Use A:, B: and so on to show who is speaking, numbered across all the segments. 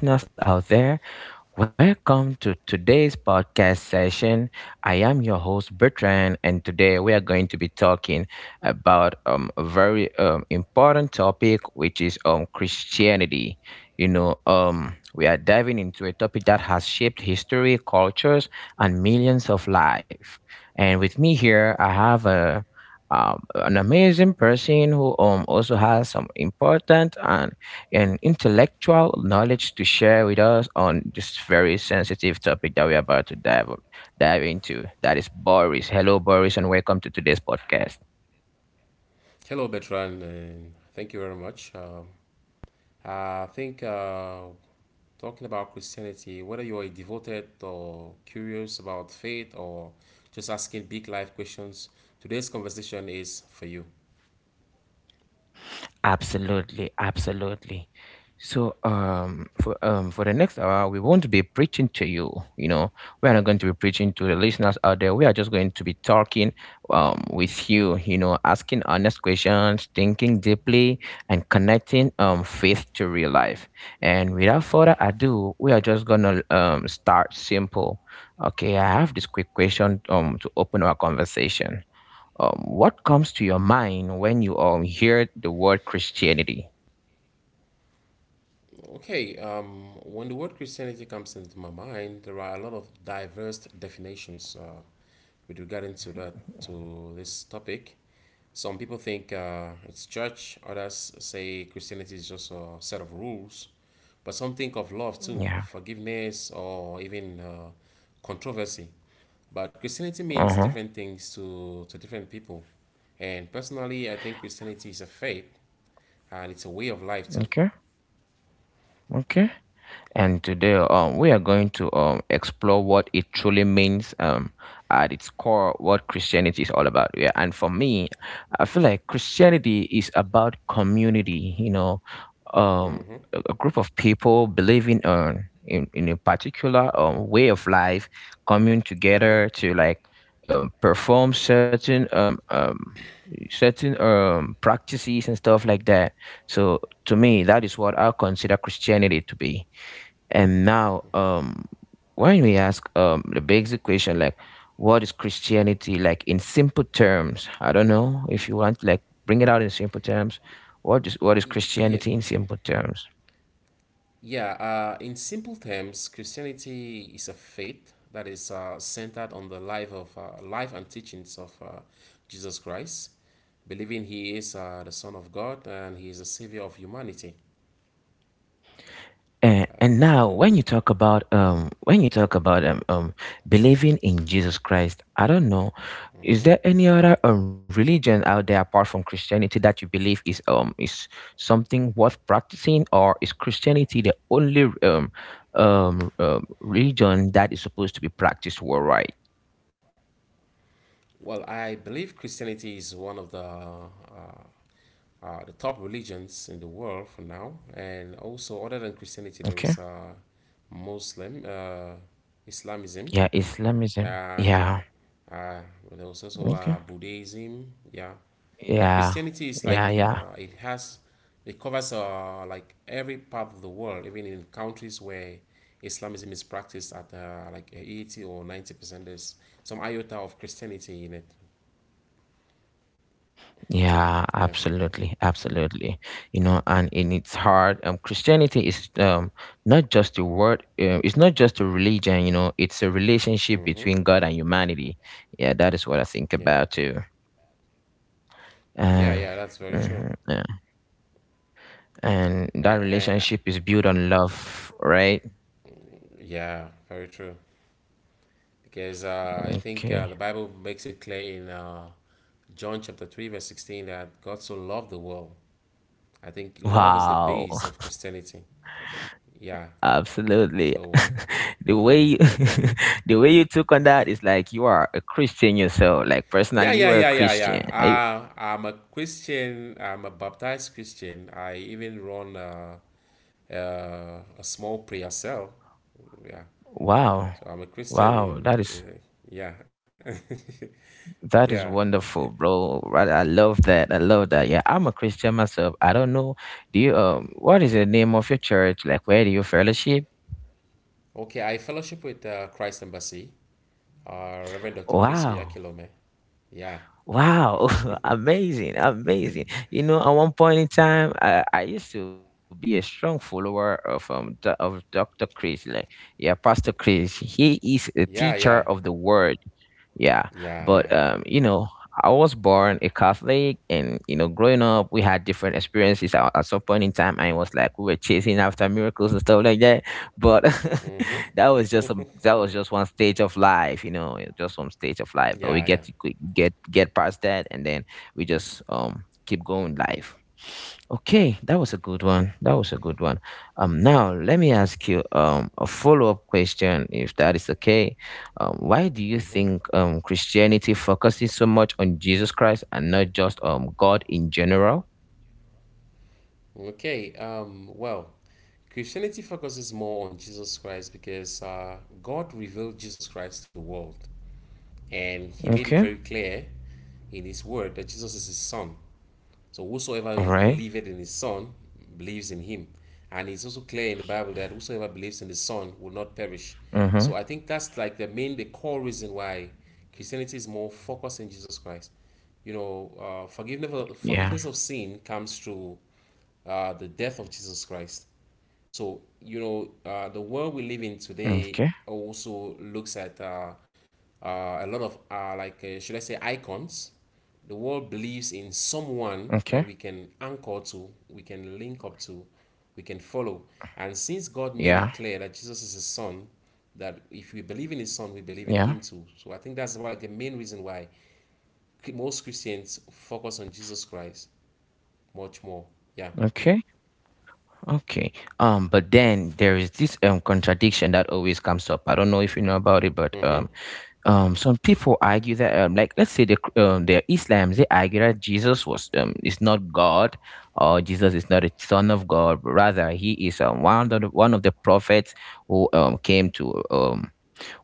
A: Listeners out there. Welcome to today's podcast session. I am your host, Bertrand, and today we are going to be talking about a very important topic, which is Christianity. We are diving into a topic that has shaped history, cultures, and millions of lives. And with me here, I have a an amazing person who also has some important and intellectual knowledge to share with us on this very sensitive topic that we're about to dive into. That is Boris. Hello, Boris, and welcome to today's podcast.
B: Hello, Bertrand, and thank you very much. I think talking about Christianity, whether you are devoted or curious about faith or just asking big life questions, today's conversation is for you.
A: Absolutely, absolutely. So, for for the next hour, we won't be preaching to you. You know, we are not going to be preaching to the listeners out there. We are just going to be talking, with you. Asking honest questions, thinking deeply, and connecting faith to real life. And without further ado, we are just gonna start simple. Okay, I have this quick question to open our conversation. What comes to your mind when you hear the word Christianity?
B: Okay, when the word Christianity comes into my mind, there are a lot of diverse definitions with regarding to that, to this topic. Some people think it's church, others say Christianity is just a set of rules, but some think of love too,
A: Yeah.
B: forgiveness, or even controversy. But Christianity
A: Uh
B: means
A: huh.
B: different things to different people. And personally, I think Christianity is a faith and it's a way of life too.
A: Okay. Okay. And today, we are going to explore what it truly means at its core, what Christianity is all about. Yeah, and for me, I feel like Christianity is about community. Um,
B: Mm-hmm,
A: a group of people believing in a particular way of life, coming
B: mm-hmm.
A: together to like perform certain practices and stuff like that. So to me, that is what I consider Christianity to be. And now, when we ask the basic question like, what is Christianity like in simple terms? I don't know if you want like bring it out in simple terms. What is
B: Yeah,
A: Christianity in simple terms?
B: yeah, in simple terms, Christianity is a faith that is centered on the life and teachings of Jesus Christ, believing he is the Son of God and he is the Savior of humanity.
A: And now, when you talk about believing in Jesus Christ, I don't know, is there any other religion out there apart from Christianity that you believe is something worth practicing, or is Christianity the only religion that is supposed to be practiced worldwide?
B: Well, I believe Christianity is one of the top religions in the world for now, and also other than Christianity, there
A: Okay.
B: is Muslim Islamism.
A: Yeah, Islamism.
B: Uh,
A: Yeah.
B: Uh, well, there was also
A: Okay.
B: Buddhism, yeah. But
A: Yeah.
B: Christianity is
A: Yeah.
B: like
A: Yeah.
B: it covers like every part of the world, even in countries where Islamism is practiced at like 80% or 90%. There's some iota of Christianity in it.
A: Yeah,
B: Yeah.
A: absolutely, absolutely. And in its heart, Christianity is not just a word. It's not just a religion. It's a relationship
B: Mm-hmm.
A: between God and humanity. Yeah, that is what I think
B: Yeah.
A: about too.
B: Yeah.
A: Uh,
B: Yeah. That's very true.
A: mhm, yeah. And
B: I,
A: that
B: I,
A: relationship is built on love, right?
B: yeah. Very true. Because I think
A: Okay.
B: the Bible makes it clear in John chapter 3 verse 16 that God so loved the world. I think love is the
A: Wow.
B: base of Christianity. Yeah.
A: Absolutely.
B: So,
A: The way you, the way you took on that is like you are a Christian yourself. Like
B: yeah,
A: personally, you
B: yeah,
A: are a
B: yeah, yeah,
A: Christian.
B: yeah. I'm a Christian. I'm a baptized Christian. I even run a small prayer cell. Yeah.
A: Wow.
B: So I'm a Christian
A: Wow,
B: in,
A: that is
B: in yeah. Yeah.
A: that is wonderful, bro. Right, I love that. I love that. Yeah, I'm a Christian myself. I don't know. Do you what is the name of your church? Like where do you fellowship?
B: Okay. I fellowship with Christ Embassy, Reverend Dr. Chris
A: Wow.
B: Oyakilome. Yeah.
A: Wow, amazing, amazing. At one point in time, I used to be a strong follower of Dr. Chris, like yeah, Pastor Chris. He is a
B: Yeah,
A: teacher
B: yeah.
A: of the word. Yeah.
B: Yeah,
A: But
B: yeah.
A: I was born a Catholic and growing up we had different experiences at some point in time. I was like we were chasing after miracles and stuff like that. But that was just one stage of life, just one stage of life,
B: Yeah,
A: but
B: yeah.
A: we get to get past that and then we just keep going life. Okay, that was a good one, that was a good one. Now let me ask you a follow-up question if that is okay. Why do you think Christianity focuses so much on Jesus Christ and not just God in general?
B: Okay, well, Christianity focuses more on Jesus Christ because God revealed Jesus Christ to the world, and He made it
A: Okay,
B: very clear in His Word that Jesus is His Son. So
A: all
B: whosoever
A: right,
B: believeth in His Son believes in Him. And it's also clear in the Bible that whosoever believes in the Son will not perish. So
A: mm-hmm,
B: I think that's like the core reason why Christianity is more focused in Jesus Christ. You know,
A: yeah,
B: forgiveness of sin comes through the death of Jesus Christ. So, the world we
A: okay,
B: live in today also looks at a lot of, like, should I say, icons. The world believes in
A: okay,
B: someone that we can anchor to, we can link up to, we can follow. And since
A: yeah,
B: God made it clear that Jesus is His Son, that if we believe in His Son, we believe
A: yeah,
B: in Him too. So I think that's why the main reason why most Christians focus on Jesus Christ much more. Yeah.
A: okay. Okay. But then there is this contradiction that always comes up. I don't know if you know about it, but some people argue that like let's say the Islam, they argue that Jesus was is not God, or Jesus is not a son of God, but rather he is one of the prophets who um came to um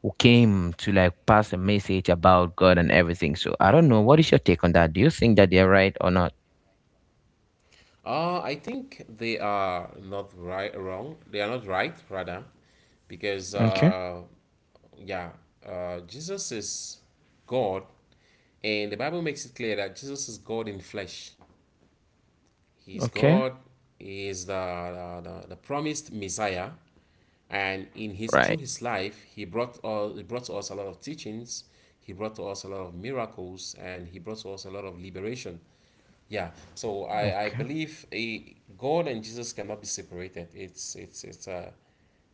A: who came to like pass a message about God and everything. So I don't know. What is your take on that? Do you think that they're right or not?
B: I think they are not right, wrong. They are not right, rather, because
A: Okay.
B: yeah, Jesus is God, and the Bible makes it clear that Jesus is God in flesh. He is
A: Okay.
B: God. He is the promised Messiah, and in his through
A: Right.
B: his life, he brought all he brought to us a lot of teachings. He brought to us a lot of miracles, and he brought to us a lot of liberation. Yeah, so I
A: Okay.
B: believe God and Jesus cannot be separated. It's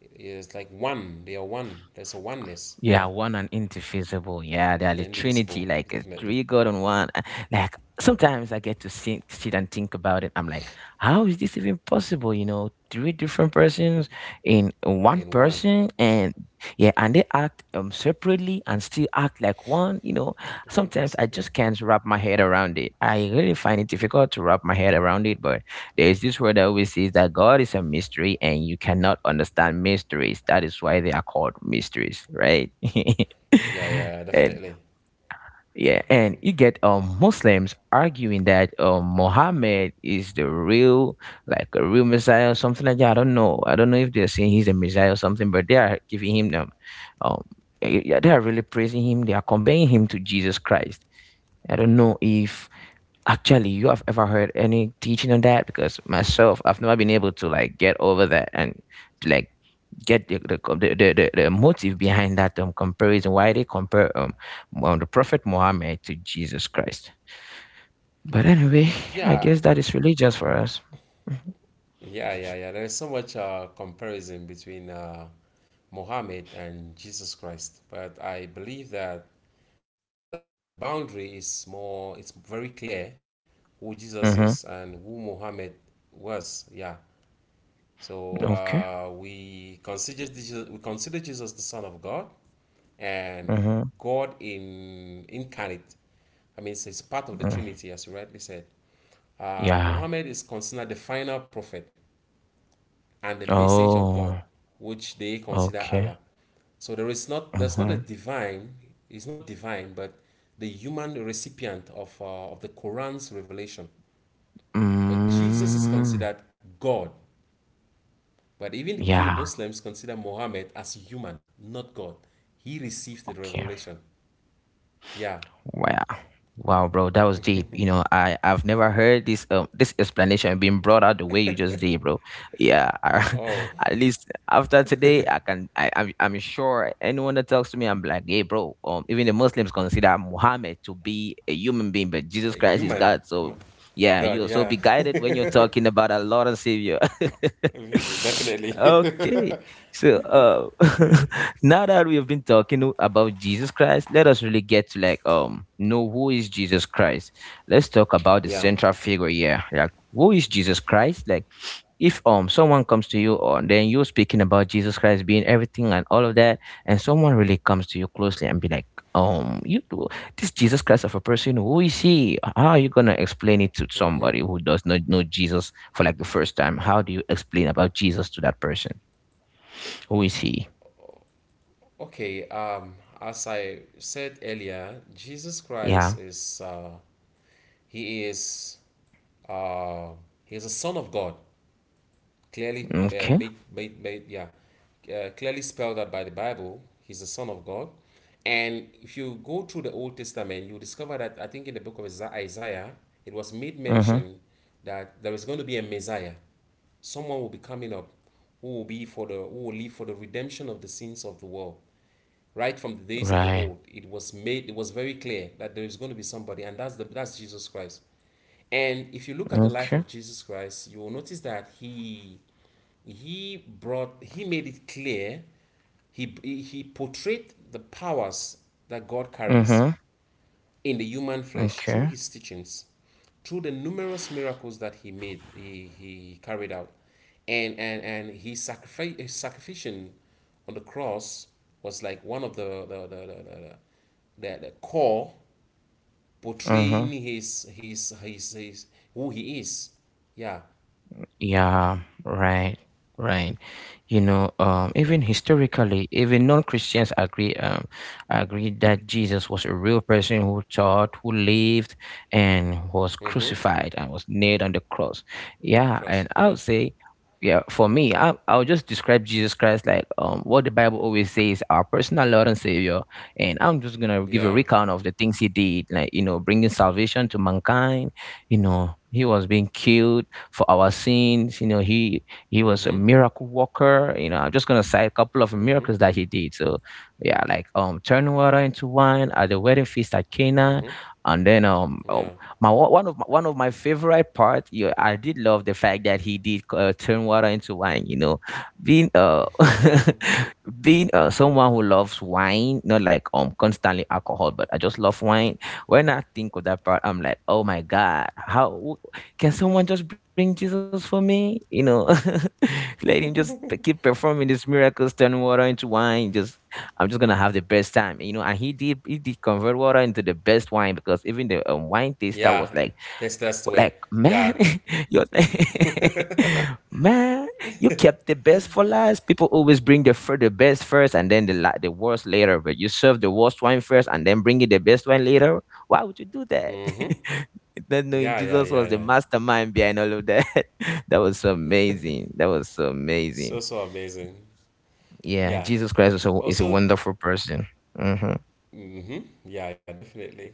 B: it's like one. They are one. There's a oneness.
A: Yeah,
B: Yeah,
A: one and indivisible. Yeah, they are
B: they're
A: the
B: indivisible,
A: Trinity, like a
B: definitely
A: three God on one. Like sometimes I get to sit and think about it. I'm like, how is this even possible? Three different persons in one
B: in one,
A: person, and yeah, and they act separately and still act like one. You know,
B: in one
A: sometimes
B: person.
A: I
B: Yeah,
A: just can't wrap my head around it. I really find it difficult to wrap my head around it, but there is this word that always says that God is a mystery and you cannot understand mysteries. That is why they are called mysteries, right?
B: yeah, yeah,
A: And
B: definitely.
A: yeah, and you get Muslims arguing that Muhammad is the real, like a real Messiah or something like that. I don't know. I don't know if they're saying he's a Messiah or something, but they are giving him them um yeah, they are really praising him. They are comparing him to Jesus Christ. I don't know if actually, you have ever heard any teaching on that. Because myself, I've never been able to like get over that and like get the co- the motive behind that comparison. Why they compare the Prophet Muhammad to Jesus Christ? But anyway, I
B: Yeah,
A: guess that is religious for us. Mhm.
B: yeah, yeah, yeah. There's so much comparison between Muhammad and Jesus Christ, but I believe that the boundary is more. It's very clear who Jesus is
A: Mm-hmm.
B: and who Muhammad was. Yeah. So
A: Okay.
B: we consider Jesus the Son of God, and
A: Mm-hmm.
B: God in incarnate. I mean, so it's part of the
A: Mm.
B: Trinity, as you rightly said.
A: Yeah.
B: Muhammad is considered the final prophet and the message of God,
A: Oh.
B: which they consider
A: Okay.
B: Allah. So there's not a
A: Mm-hmm.
B: divine, it's not divine, but the human recipient of the Quran's revelation. But Jesus is
A: Mm.
B: considered God. But even
A: Yeah.
B: Muslims consider Muhammad as human, not God. He received the
A: Okay.
B: revelation. Yeah.
A: Wow. Wow, bro, that was deep. I've never heard this explanation being brought out the way you just did, bro. Yeah, I,
B: Oh,
A: at least after today, I can I'm sure anyone that talks to me, I'm like, hey, bro. Even the Muslims consider Muhammad to be a human being, but Jesus
B: a
A: Christ is
B: human,
A: God. So
B: not
A: yeah,
B: God.
A: you'll so
B: Yeah.
A: be guided when you're talking about a Lord and Savior.
B: Definitely.
A: Okay, so now that we have been talking about Jesus Christ, let us really get to like know who is Jesus Christ. Let's talk about the
B: Yeah.
A: central figure here. Like who is Jesus Christ? Like if someone comes to you or then you're speaking about Jesus Christ being everything and all of that, and someone really comes to you closely and be like, um, you do- this Jesus Christ of a person, who is he? How are you gonna explain it to somebody who does not know Jesus for like the first time? How do you explain about Jesus to that person? Who is he?
B: Okay, as I said earlier, Jesus Christ
A: Yeah.
B: is he is uh, he is a Son of God. Clearly
A: Okay.
B: yeah, clearly spelled out by the Bible. He's the Son of God, and if you go through the Old Testament, you discover that I think in the book of Isaiah, it was made
A: Mm-hmm.
B: mention that there is going to be a Messiah, someone will be coming up who will be for the who will live for the redemption of the sins of the world. Right from the days of the
A: Right.
B: old, it was very clear that there is going to be somebody, and that's Jesus Christ. And if you look at the life
A: Okay.
B: of Jesus Christ, you will notice that he made it clear he he portrayed the powers that God carries
A: Mm-hmm.
B: in the human flesh through
A: Okay.
B: his teachings, through the numerous miracles that he carried out. And his sacrificial on the cross was like one of the core
A: Uh-huh.
B: portraying who he is. Yeah,
A: Yeah, right, right. You know, um,
B: yeah.
A: even historically, even non-Christians agree, agree that Jesus was a real person who taught, who lived, and was
B: Mm-hmm.
A: crucified and was nailed on the cross. Yeah, and
B: Trust.
A: I
B: Yeah.
A: would say, yeah, for me, I'll just describe Jesus Christ like what the Bible always says, our personal Lord and Savior. And I'm just gonna give a
B: Yeah.
A: recount of the things he did, like bringing salvation to mankind. He was being killed for our sins. He was a
B: Mm-hmm.
A: miracle worker. I'm just gonna cite a couple of miracles
B: Mm-hmm.
A: that he did. So yeah, like turning water into wine at the wedding feast at
B: Mm-hmm.
A: Cana, and then
B: Yeah.
A: my one one of my favorite part. Yeah, I did love the fact that he did turn water into wine. You know, being Being someone who loves wine, not like constantly alcohol, but I just love wine. When I think of that part, I'm like, oh my God, how can someone just bring Jesus for me? Let him just keep performing these miracles, turning water into wine. Just, I'm just gonna have the best time. And he did, convert water into the best wine because even the wine taster
B: Yeah.
A: was like,
B: That's the way.
A: like,
B: Yeah.
A: man, you man, you kept the best for last. People always bring the best first and then the worst later. But you serve the worst wine first and then bring in the best wine later. Why would you do that? Not knowing
B: Yeah. Yeah.
A: Jesus was the mastermind behind all of that. That was so amazing. That was so
B: So
A: amazing.
B: so amazing.
A: Yeah,
B: Yeah.
A: Jesus Christ is a
B: Also,
A: wonderful person. Hmm.
B: yeah, yeah, definitely.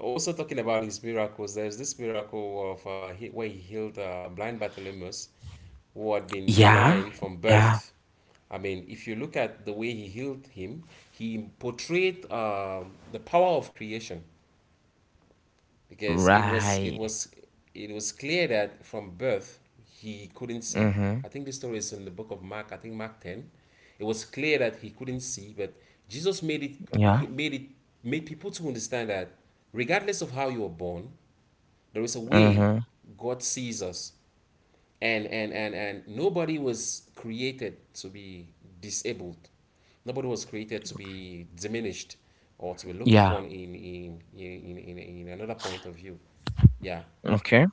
B: Also, talking about his miracles, there's this miracle of where he healed blind Bartimaeus, who had been
A: Yeah.
B: blind from
A: Yeah.
B: birth. I mean, if you look at the way he healed him, he portrayed the power of creation. Because
A: Right.
B: it was clear that from birth he couldn't see.
A: Mm-hmm.
B: I think this story is in the book of Mark. I think Mark 10. It was clear that he couldn't see, but Jesus made it
A: Yeah.
B: he made it made people to understand that regardless of how you were born, there is a way
A: Mm-hmm.
B: God sees us, and nobody was created to be disabled, nobody was created to be diminished or to be looked
A: Yeah.
B: upon in another point of view. Yeah.
A: Okay.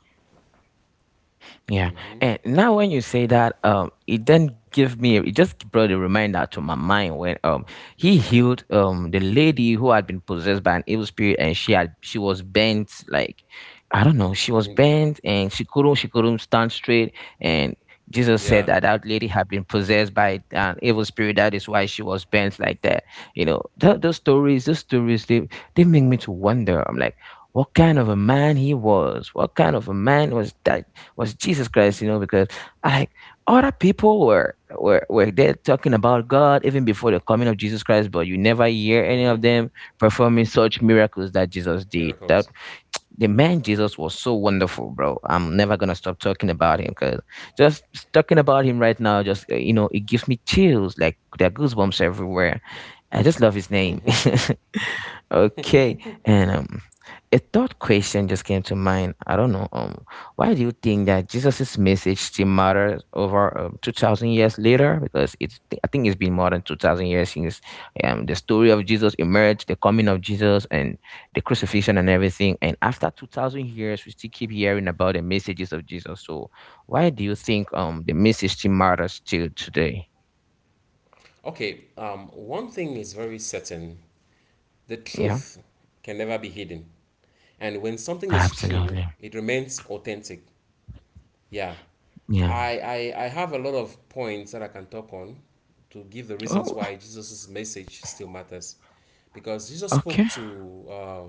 A: Yeah. And now when you say that, it then give me it just brought a reminder to my mind when he healed the lady who had been possessed by an evil spirit and she was bent like I don't know, she was
B: Mm,
A: bent and she couldn't stand straight and Jesus said
B: yeah.
A: that lady had been possessed by an evil spirit. That is why she was bent like that. You know, those stories, they make me to wonder. I'm like, what kind of a man he was? What kind of a man was that? Was Jesus Christ, you know, because I like other people were there talking about God even before the coming of Jesus Christ, but you never hear any of
B: Mm-hmm.
A: them performing such miracles that Jesus did. That
B: Miracles.
A: the man Jesus was so wonderful, bro. I'm never gonna stop talking about him because just talking about him right now, just you know, it gives me chills. Like there are goosebumps everywhere. I just love his name.
B: Mm-hmm.
A: Okay, and a third question just came to mind. I don't know. Why do you think that Jesus's message still matters over 2,000 years later? Because it's I think it's been more than 2,000 years since the story of Jesus emerged, the coming of Jesus, and the crucifixion and everything. And after 2000 years, we still keep hearing about the messages of Jesus. So why do you think the message still matters till today?
B: Okay, one thing is very certain, the
A: Yeah.
B: truth can never be hidden, and when something is true
A: Absolutely.
B: it remains authentic. Yeah.
A: Yeah.
B: I have a lot of points that I can talk on to give the reasons
A: Oh,
B: why Jesus' message still matters. Because
A: okay.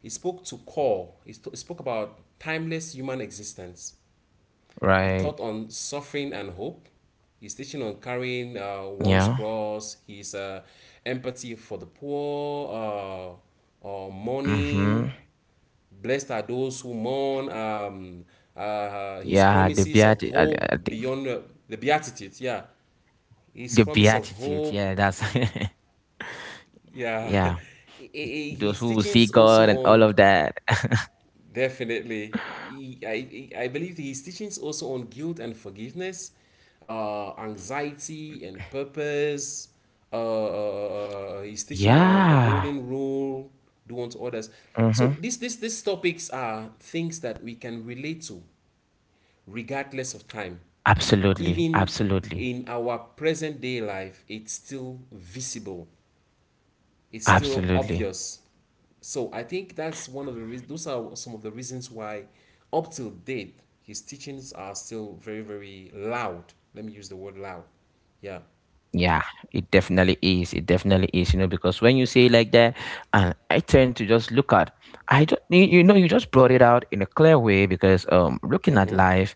B: he spoke about timeless human existence. He taught
A: Right.
B: on suffering and hope. He's teaching on carrying one's
A: Yeah.
B: cross. He's empathy for the poor,
A: Mm-hmm.
B: mourning, blessed are those who mourn, his
A: Yeah. The
B: promises of
A: beatitude.
B: hope
A: I think
B: beyond the Beatitudes. Yeah, his
A: the
B: promise of
A: beatitude.
B: hope.
A: Yeah. That's.
B: Yeah.
A: Yeah. Those
B: His
A: who will see
B: teachings also
A: God and all of
B: on,
A: that.
B: definitely. I believe his teachings also on guilt and forgiveness, anxiety and purpose. His teaching on the
A: Yeah.
B: golden rule, do unto others.
A: Mm-hmm.
B: So these topics are things that we can relate to regardless of time.
A: Absolutely.
B: Even
A: Absolutely.
B: in our present day life, it's still visible, it's still
A: Absolutely.
B: obvious. So I think that's one of the reasons, those are some of the reasons why, up till date, his teachings are still very, very loud. Let me use the word loud. Yeah.
A: Yeah, it definitely is. It definitely is, you know, because when you say it like that, and I tend to just look at, I don't, you know, you just brought it out in a clear way because looking at life,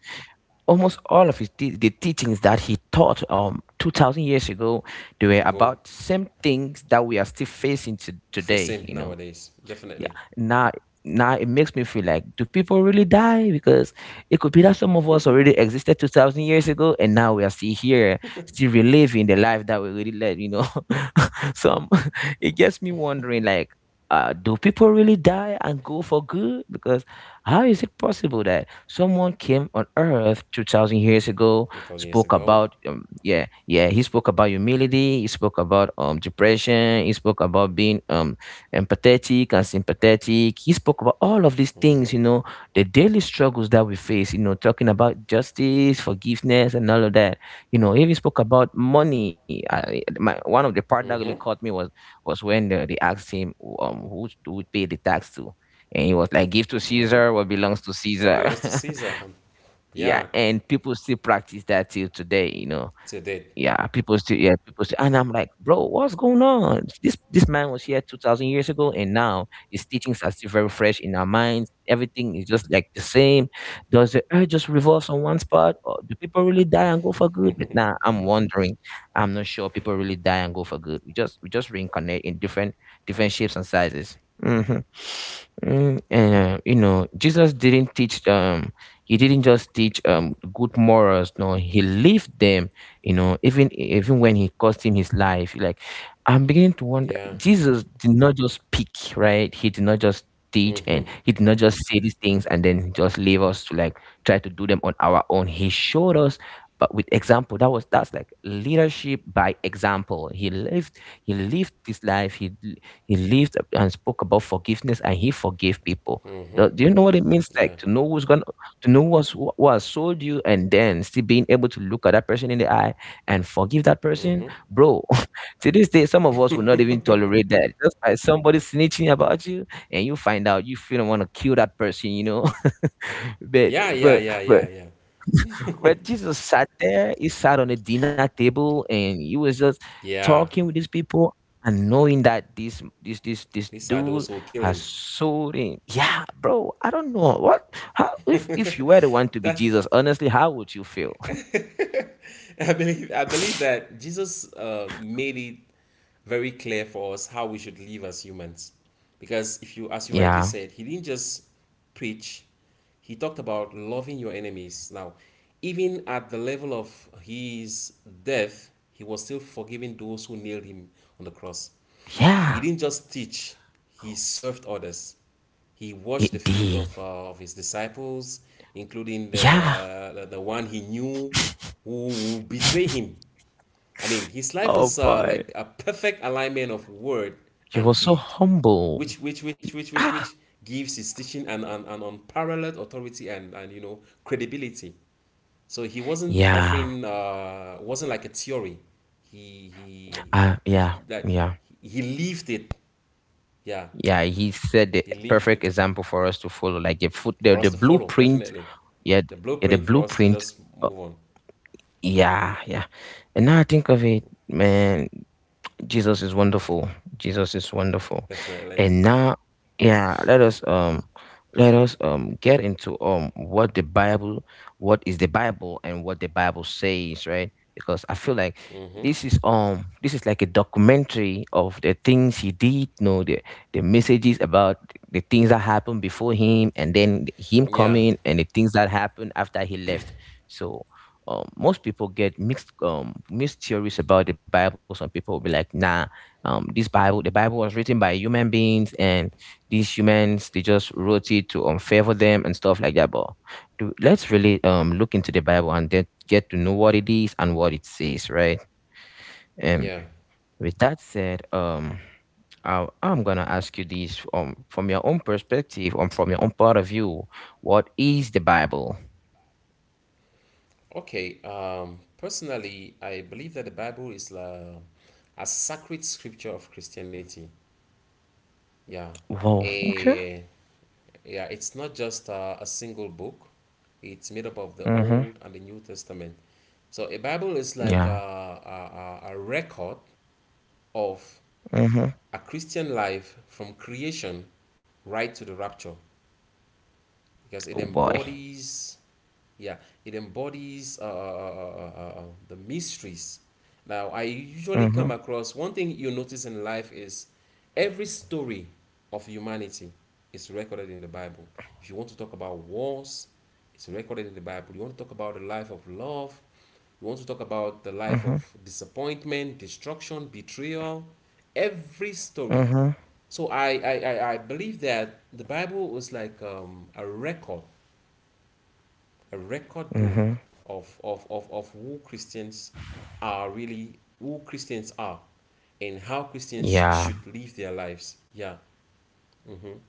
A: almost all of the teachings that he taught 2000 years ago, they were
B: to go
A: about same things that we are still today,
B: facing
A: you know.
B: nowadays,
A: Yeah.
B: definitely.
A: Now, it makes me feel like, do people really die? Because it could be that some of us already existed 2,000 years ago, and now we are still here, still reliving the life that we really led. You know, some it gets me wondering, like, do people really die and go for good? Because how is it possible that someone came on Earth 2,000 years ago,
B: 2000 years
A: spoke
B: ago.
A: about, he spoke about humility, he spoke about depression, he spoke about being empathetic and sympathetic. He spoke about all of these things,
B: Mm-hmm.
A: you know, the daily struggles that we face, you know, talking about justice, forgiveness, and all of that. You know, he even spoke about money. One of the part that really
B: Mm-hmm.
A: caught me was when they asked him, who do we pay the tax to? And he was like, give to Caesar what belongs to
B: What
A: Caesar.
B: belongs to Caesar?
A: Yeah,
B: Yeah,
A: and people still practice that till today, you know.
B: to date.
A: Yeah, people still, yeah, people still, and I'm like, "Bro, what's going on? This man was here 2000 years ago and now his teachings are still very fresh in our minds. Everything is just like the same. Does the earth just revolve on one spot or do people really die and go for good?" But now I'm wondering. I'm not sure people really die and go for good. We just reincarnate in different shapes and sizes. Hmm. Mm, and you know, Jesus didn't teach he didn't just teach good morals, no, he lived them, you know, even when he cost him his life. Like, I'm beginning to wonder,
B: Yeah.
A: Jesus did not just speak, right? He did not just teach and
B: Mm-hmm.
A: he did not just say these things and then just leave us to like try to do them on our own. He showed us, but with example. That was, that's like leadership by example. He lived this life, he lived and spoke about forgiveness and he forgave people. Do you know what it means, like
B: Yeah.
A: to know who's gonna to know what's, who has sold you and then still being able to look at that person in the eye and forgive that person? Bro, to this day, some of us will not even tolerate that. Just by somebody snitching about you, and you find out, you feel want to kill that person, you know. but
B: Yeah, yeah,
A: but
B: yeah,
A: but
B: yeah, yeah.
A: but Jesus sat there, he sat on a dinner table, and he was just
B: Yeah,
A: talking with these people. And knowing that this
B: these are those
A: dude
B: who kill
A: has
B: him.
A: sold him. Yeah, bro. I don't know what, how, if you were the one to be Jesus. Honestly, how would you feel?
B: I believe that Jesus made it very clear for us how we should live as humans. Because if you as you rightly
A: Yeah,
B: said, he didn't just preach, he talked about loving your enemies. Now, even at the level of his death, he was still forgiving those who nailed him on the cross. He
A: yeah,
B: didn't just teach, he served others. He washed the
A: it
B: feet
A: did.
B: of his disciples, including
A: Yeah.
B: the one he knew who would betray him. I mean, his life
A: Oh
B: was
A: boy.
B: like a perfect alignment of word
A: He was
B: and
A: so
B: deed,
A: humble.
B: which, which, which,
A: Yeah.
B: which, which,
A: Ah,
B: which gives his teaching an unparalleled authority and credibility. So he wasn't
A: yeah.
B: offering, wasn't like a theory. he he he
A: Yeah.
B: that
A: Yeah.
B: he lived it. Yeah,
A: Yeah. He said the
B: he left
A: perfect
B: it
A: example for us to follow, like a foot,
B: for
A: the
B: us to follow,
A: blueprint.
B: definitely.
A: Yeah.
B: The
A: Yeah, the
B: blueprint for us to
A: blueprint.
B: just
A: uh,
B: move on,
A: yeah. Yeah. And now I think of it, man. Jesus is wonderful. Jesus is wonderful.
B: definitely.
A: And now, yeah, let us get into what the Bible, what is the Bible and what the Bible says, right? Because I feel like
B: Mm-hmm.
A: this is like a documentary of the things he did, you know, the messages about the things that happened before him and then him
B: Yeah,
A: coming and the things that happened after he left. So most people get mixed theories about the Bible. Some people will be like, "Nah, this Bible, the Bible was written by human beings, and these humans they just wrote it to favor them and stuff like that." But let's really look into the Bible and then get to know what it is and what it says, right? And
B: yeah.
A: with that said, I'm gonna ask you this from your own perspective, from your own point of view. What is the Bible?
B: Okay. Personally, I believe that the Bible is a sacred scripture of Christianity. Yeah.
A: Whoa, okay.
B: Eh, yeah, it's not just a single book. It's made up of the
A: Mm-hmm.
B: Old and the New Testament. So a Bible is like a,
A: Yeah.
B: a, a a record of
A: Mm-hmm.
B: a Christian life from creation right to the rapture because it
A: Oh boy.
B: embodies, yeah, it embodies the mysteries. Now I usually come
A: Mm-hmm.
B: across, one thing you notice in life is every story of humanity is recorded in the Bible. If you want to talk about wars, it's recorded in the Bible. You want to talk about the life of love, you want to talk about the life of
A: Mm-hmm.
B: disappointment, destruction, betrayal, every story.
A: Mm-hmm.
B: So I believe that the Bible was like a record
A: Mm-hmm.
B: book of who Christians are really, who Christians are, and how Christians
A: Yeah.
B: should live their lives. Yeah. Mm-hmm,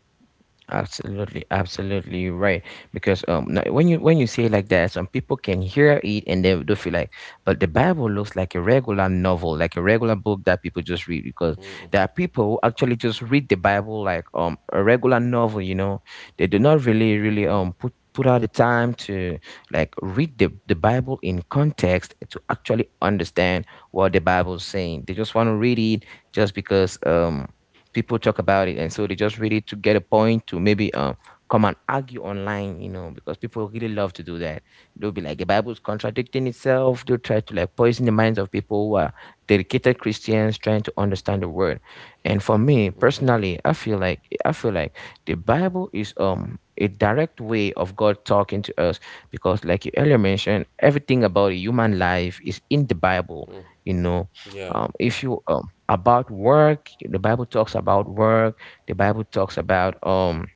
A: Absolutely, absolutely, you're right. Because now, when you say like that, some people can hear it and they do feel like, but the Bible looks like a regular novel, like a regular book that people just read. Because there are people who actually just read the Bible like a regular novel. You know, they do not really
B: mm-hmm.
A: put out the time to like read the bible in context to actually understand what the bible's saying. They just want to read it just because people talk about it, and so they just really to get a point to maybe come and argue online, you know, because people really love to do that. They'll be like the bible's contradicting itself. They'll try to like poison the minds of people who are dedicated christians trying to understand the word. And for me personally, I feel like the bible is a direct way of god talking to us, because like you earlier mentioned, everything about a human life is in the bible, you know.
B: Yeah.
A: If you about work. The Bible talks about work. The Bible talks about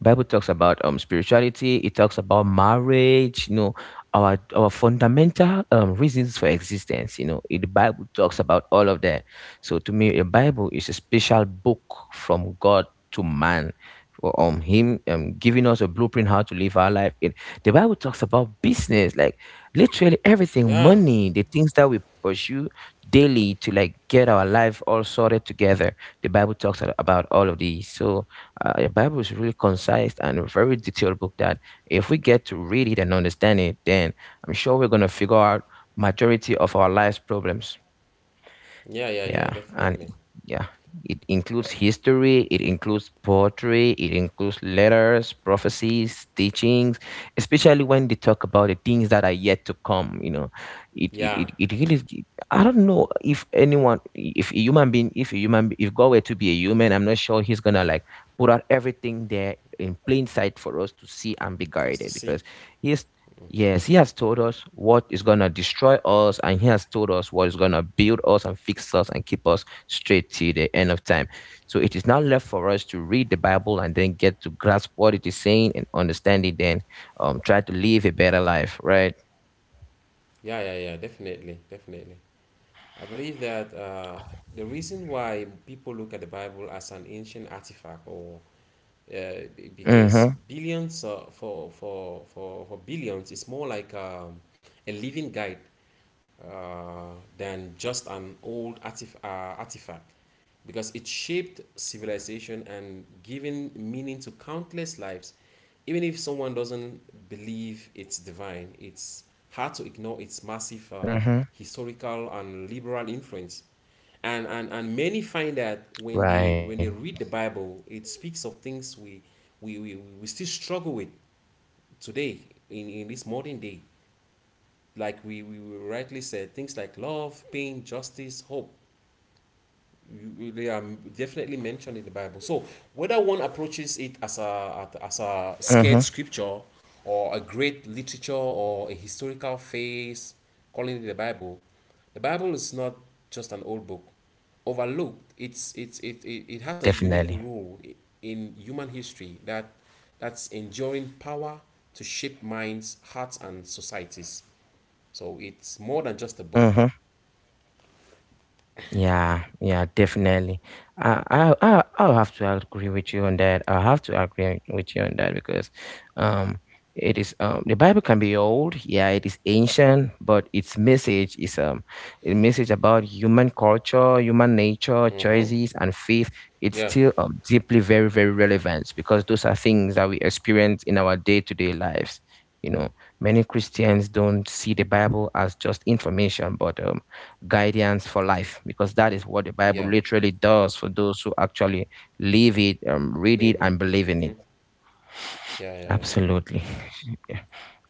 A: Spirituality. It talks about marriage. You know, our fundamental reasons for existence. You know, the Bible talks about all of that. So to me, a Bible is a special book from God to man. For, him giving us a blueprint how to live our life. The Bible talks about business, like literally everything,
B: Yeah.
A: money, the things that we pursue daily to like get our life all sorted together. The Bible talks about all of these. So the Bible is really concise and a very detailed book that if we get to read it and understand it, then I'm sure we're going to figure out majority of our life's problems.
B: Yeah, yeah, yeah,
A: Yeah, and
B: definitely.
A: yeah, it includes history, it includes poetry, it includes letters, prophecies, teachings, especially when they talk about the things that are yet to come. You know,
B: Yeah,
A: it really, I don't know if anyone, if a human being, if a human, if God were to be a human, I'm not sure he's gonna like put out everything there in plain sight for us to see and be
B: for us to
A: guided
B: see.
A: because he is.
B: Hmm.
A: Yes, he has told us what is going to destroy us, and he has told us what is going to build us and fix us and keep us straight till the end of time. So it is now left for us to read the Bible and then get to grasp what it is saying and understand it, then try to live a better life, right?
B: Yeah, yeah, yeah, definitely, definitely. I believe that the reason why people look at the Bible as an ancient artifact or
A: Mm-hmm.
B: because billions, for billions, is more like a living guide than just an old artifact because it shaped civilization and given meaning to countless lives. Even if someone doesn't believe it's divine, it's hard to ignore its massive
A: Mm-hmm.
B: historical and liberal influence. And many find that
A: Right.
B: when they read the Bible, it speaks of things we still struggle with today, in this modern day, like we rightly said, things like love, pain, justice, hope, they are definitely mentioned in the Bible. So whether one approaches it
A: Mm-hmm.
B: as a scared scripture, or a great literature, or a historical phase, calling it the Bible is not just an old book. Overlooked, it has
A: Definitely.
B: a unique role in human history that that's enduring power to shape minds, hearts, and societies. So it's more than just a book.
A: Mm-hmm. Yeah, yeah, definitely. I'll have to agree with you on that. I'll have to agree with you on that because, um, it is the Bible can be old. Yeah, it is ancient, but its message is a message about human culture, human nature, choices, and faith. It's
B: Yeah,
A: still deeply very very relevant because those are things that we experience in our day to day lives. You know, Many Christians don't see the Bible as just information, but guidance for life because that is what the Bible
B: yeah,
A: literally does for those who actually live it, read
B: Le-
A: it, and believe in it.
B: yeah, yeah, yeah.
A: Absolutely. Yeah.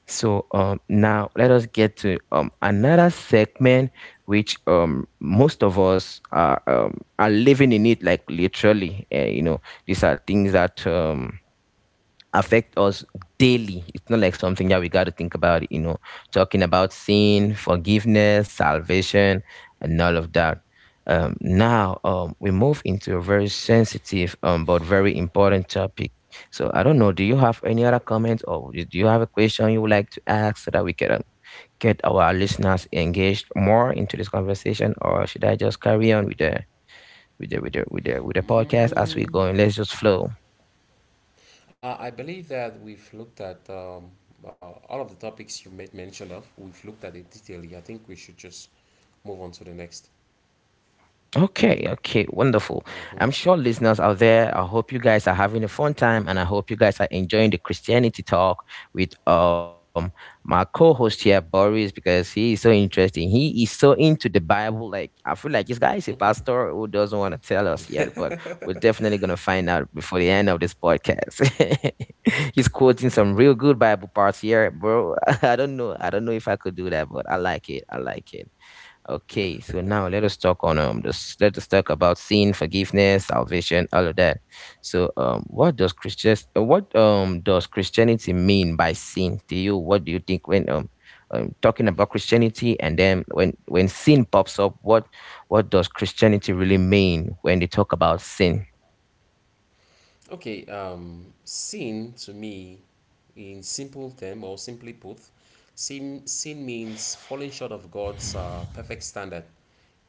A: So now let us get to another segment, which most of us are living in it, like literally. These are things that affect us daily. It's not like something that we got to think about, talking about sin, forgiveness, salvation, and all of that. Now we move into a very sensitive but very important topic. So I don't know. Do you have any other comments, or do you have a question you would like to ask so that we can get our listeners engaged more into this conversation, or should I just carry on with the podcast as we go going? Let's just flow.
B: I believe that we've looked at uh, all of the topics you made mention of. We've looked at it detailedly. I think we should just move on to the next.
A: Okay, okay, wonderful. I'm sure listeners out there, I hope you guys are having a fun time and I hope you guys are enjoying the Christianity talk with my co-host here, Boris, because he is so interesting. He is so into the Bible. Like I feel like this guy is a pastor who doesn't want to tell us yet, but we're definitely gonna find out before the end of this podcast. He's quoting some real good Bible parts here, bro. I don't know. I don't know if I could do that, but I like it. I like it. Okay, so now let us talk on this let us talk about sin, forgiveness, salvation, all of that. So what does Christian what does Christianity mean by sin to you? What do you think when talking about Christianity and then when sin pops up, what does Christianity really mean when they talk about sin?
B: Okay. Sin to me, in simple term or simply put, sin means falling short of God's perfect standard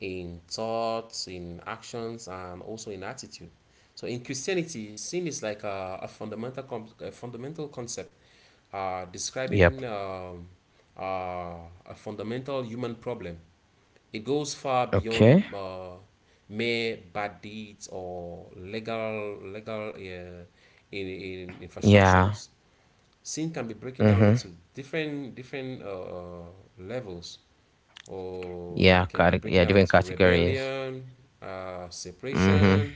B: in thoughts, in actions, and also in attitude. So in Christianity, sin is like a a fundamental concept
A: Yep.
B: describing, uh, a fundamental human problem. It goes far
A: Okay.
B: beyond mere bad deeds or legal, in
A: Yeah.
B: infractions. Sin can be breaking down
A: Mm-hmm.
B: into different levels, or
A: Yeah,
B: it can be
A: cate-
B: breaking
A: yeah,
B: down
A: different
B: into
A: categories.
B: rebellion,
A: Mm-hmm.
B: separation,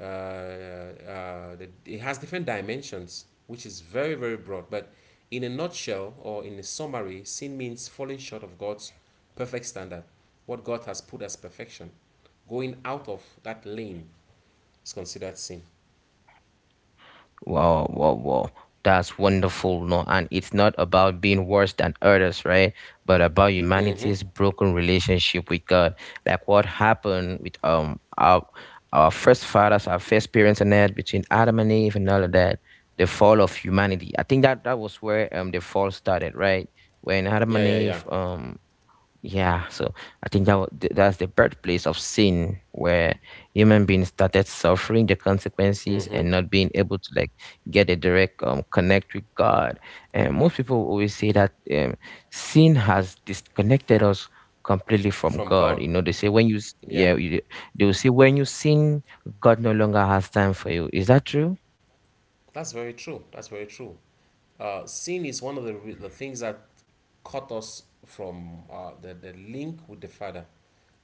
B: it has different dimensions, which is very, very broad. But in a nutshell or in a summary, sin means falling short of God's perfect standard, what God has put as perfection. Going out of that lane is considered sin.
A: Wow, wow, wow. That's wonderful, no? And it's not about being worse than others, right? But about
B: Hmm.
A: humanity's broken relationship with God. Like what happened with our first fathers, our first parents and that between Adam and Eve and all of that, the fall of humanity. I think that that was where the fall started, right? When Adam
B: Yeah,
A: and
B: yeah, yeah.
A: Eve Yeah, so I think that's the birthplace of sin, where human beings started suffering the consequences
B: Hmm.
A: and not being able to like get a direct connect with God. And most people always say that sin has disconnected us completely from
B: From
A: God.
B: God.
A: They say when you s-
B: Yeah.
A: yeah, you, they will say when you sin, God no longer has time for you. Is that true?
B: That's very true. That's very true. Sin is one of the things that cut us from the link with the Father.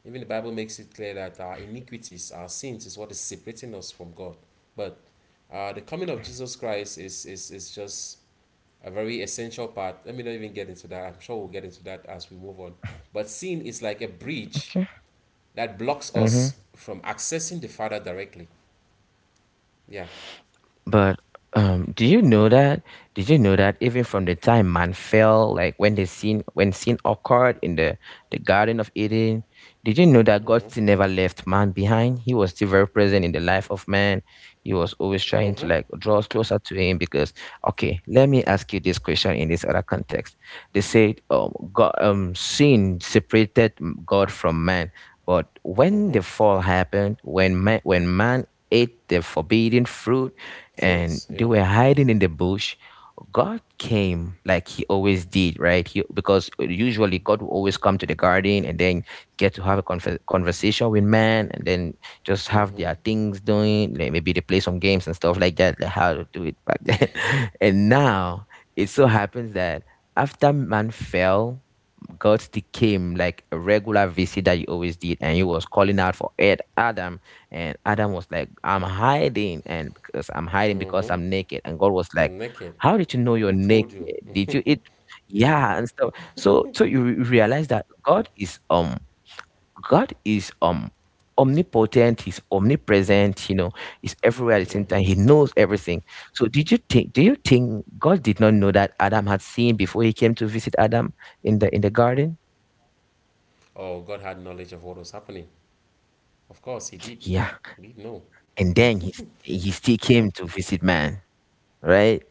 B: Even the Bible makes it clear that our iniquities, our sins, is what is separating us from God. But the coming of Jesus Christ is just a very essential part. Let me not even get into that. I'm sure we'll get into that as we move on. But sin is like a bridge
A: Okay.
B: that blocks
A: Mm-hmm.
B: us from accessing the Father directly. Yeah.
A: But, do you know that even from the time man fell, like when the sin when sin occurred in the Garden of Eden, did you know that God
B: Mm-hmm.
A: still never left man behind? He was still very present in the life of man. He was always trying to
B: Mm-hmm.
A: like draw us closer to him because okay, let me ask you this question in this other context. They said God sin separated God from man. But when
B: Mm-hmm.
A: the fall happened, when man ate the forbidden fruit, and
B: Truth.
A: they
B: Yeah.
A: were hiding in the bush. God came like he always did, right? Because usually God will always come to the garden and then get to have a conversation with man and then just have
B: Mm-hmm.
A: their things doing. Like maybe they play some games and stuff like that, like how to do it back then. And now it so happens that after man fell, God still came like a regular visit that he always did, and he was calling out for Ed Adam, and Adam was like, "I'm hiding," and because I'm hiding because I'm naked. And God was like,
B: Naked.
A: how did you know you're
B: Who
A: naked?
B: told you?
A: Did you eat? Yeah, and stuff. So, you realize that God is God is um, omnipotent. He's omnipresent. He's everywhere at the same time. He knows everything. So, did you think? Do you think God did not know that Adam had seen before he came to visit Adam in the garden?
B: Oh, God had knowledge of what was happening. Of course, He did.
A: Yeah,
B: He did know.
A: and then he still came to visit man, right?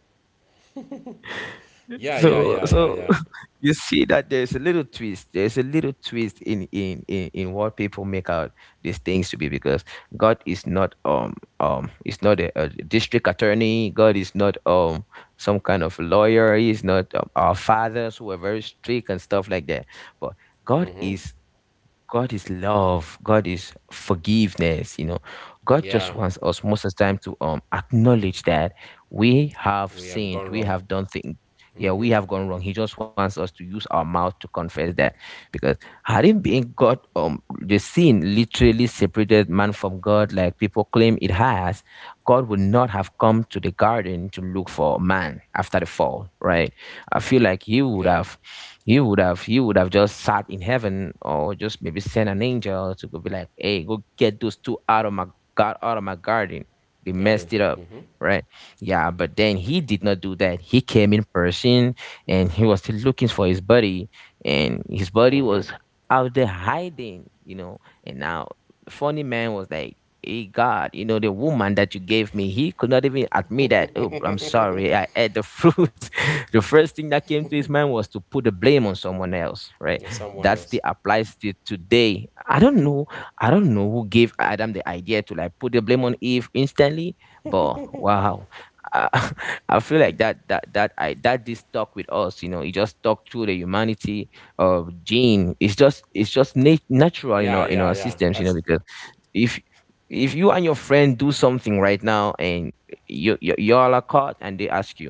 B: Yeah, yeah,
A: So
B: yeah, yeah,
A: so
B: yeah.
A: you see that there's a little twist. There's a little twist in what people make out these things to be because God is not a district attorney. God is not some kind of lawyer. He's not our fathers who are very strict and stuff like that. But God
B: Mm-hmm.
A: is God is love. God is forgiveness. God just
B: Yeah,
A: wants us most of the time to acknowledge that we have
B: we have
A: sinned,
B: gone
A: we
B: wrong.
A: have done things. Yeah,
B: Mm-hmm.
A: we have gone wrong. He just wants us to use our mouth to confess that, because had it been God, the sin literally separated man from God, like people claim it has. God would not have come to the garden to look for man after the fall, right? I feel like He would
B: Yeah,
A: have you would have you would have just sat in heaven or just maybe sent an angel to go be like, hey, go get those two out of my god, out of my garden, they
B: garden.
A: messed it up,
B: Mm-hmm.
A: right? Yeah, but then he did not do that. He came in person, and he was still looking for his buddy, and his buddy
B: Mm-hmm.
A: was out there hiding. And now funny man was like, hey God, you know the woman that you gave me. He could not even admit that, oh, I'm sorry, I ate the fruit. The first thing that came to his mind was to put the blame on someone else, right?
B: There's someone
A: That still
B: else.
A: applies to today. I don't know. Who gave Adam the idea to like put the blame on Eve instantly, but wow. i, I feel like that that that I that this stuck with us. It just stuck through the humanity of gene. It's just, natural, in our
B: Yeah, yeah.
A: systems,
B: That's.
A: because if if you and your friend do something right now and you y'all are caught and they ask you,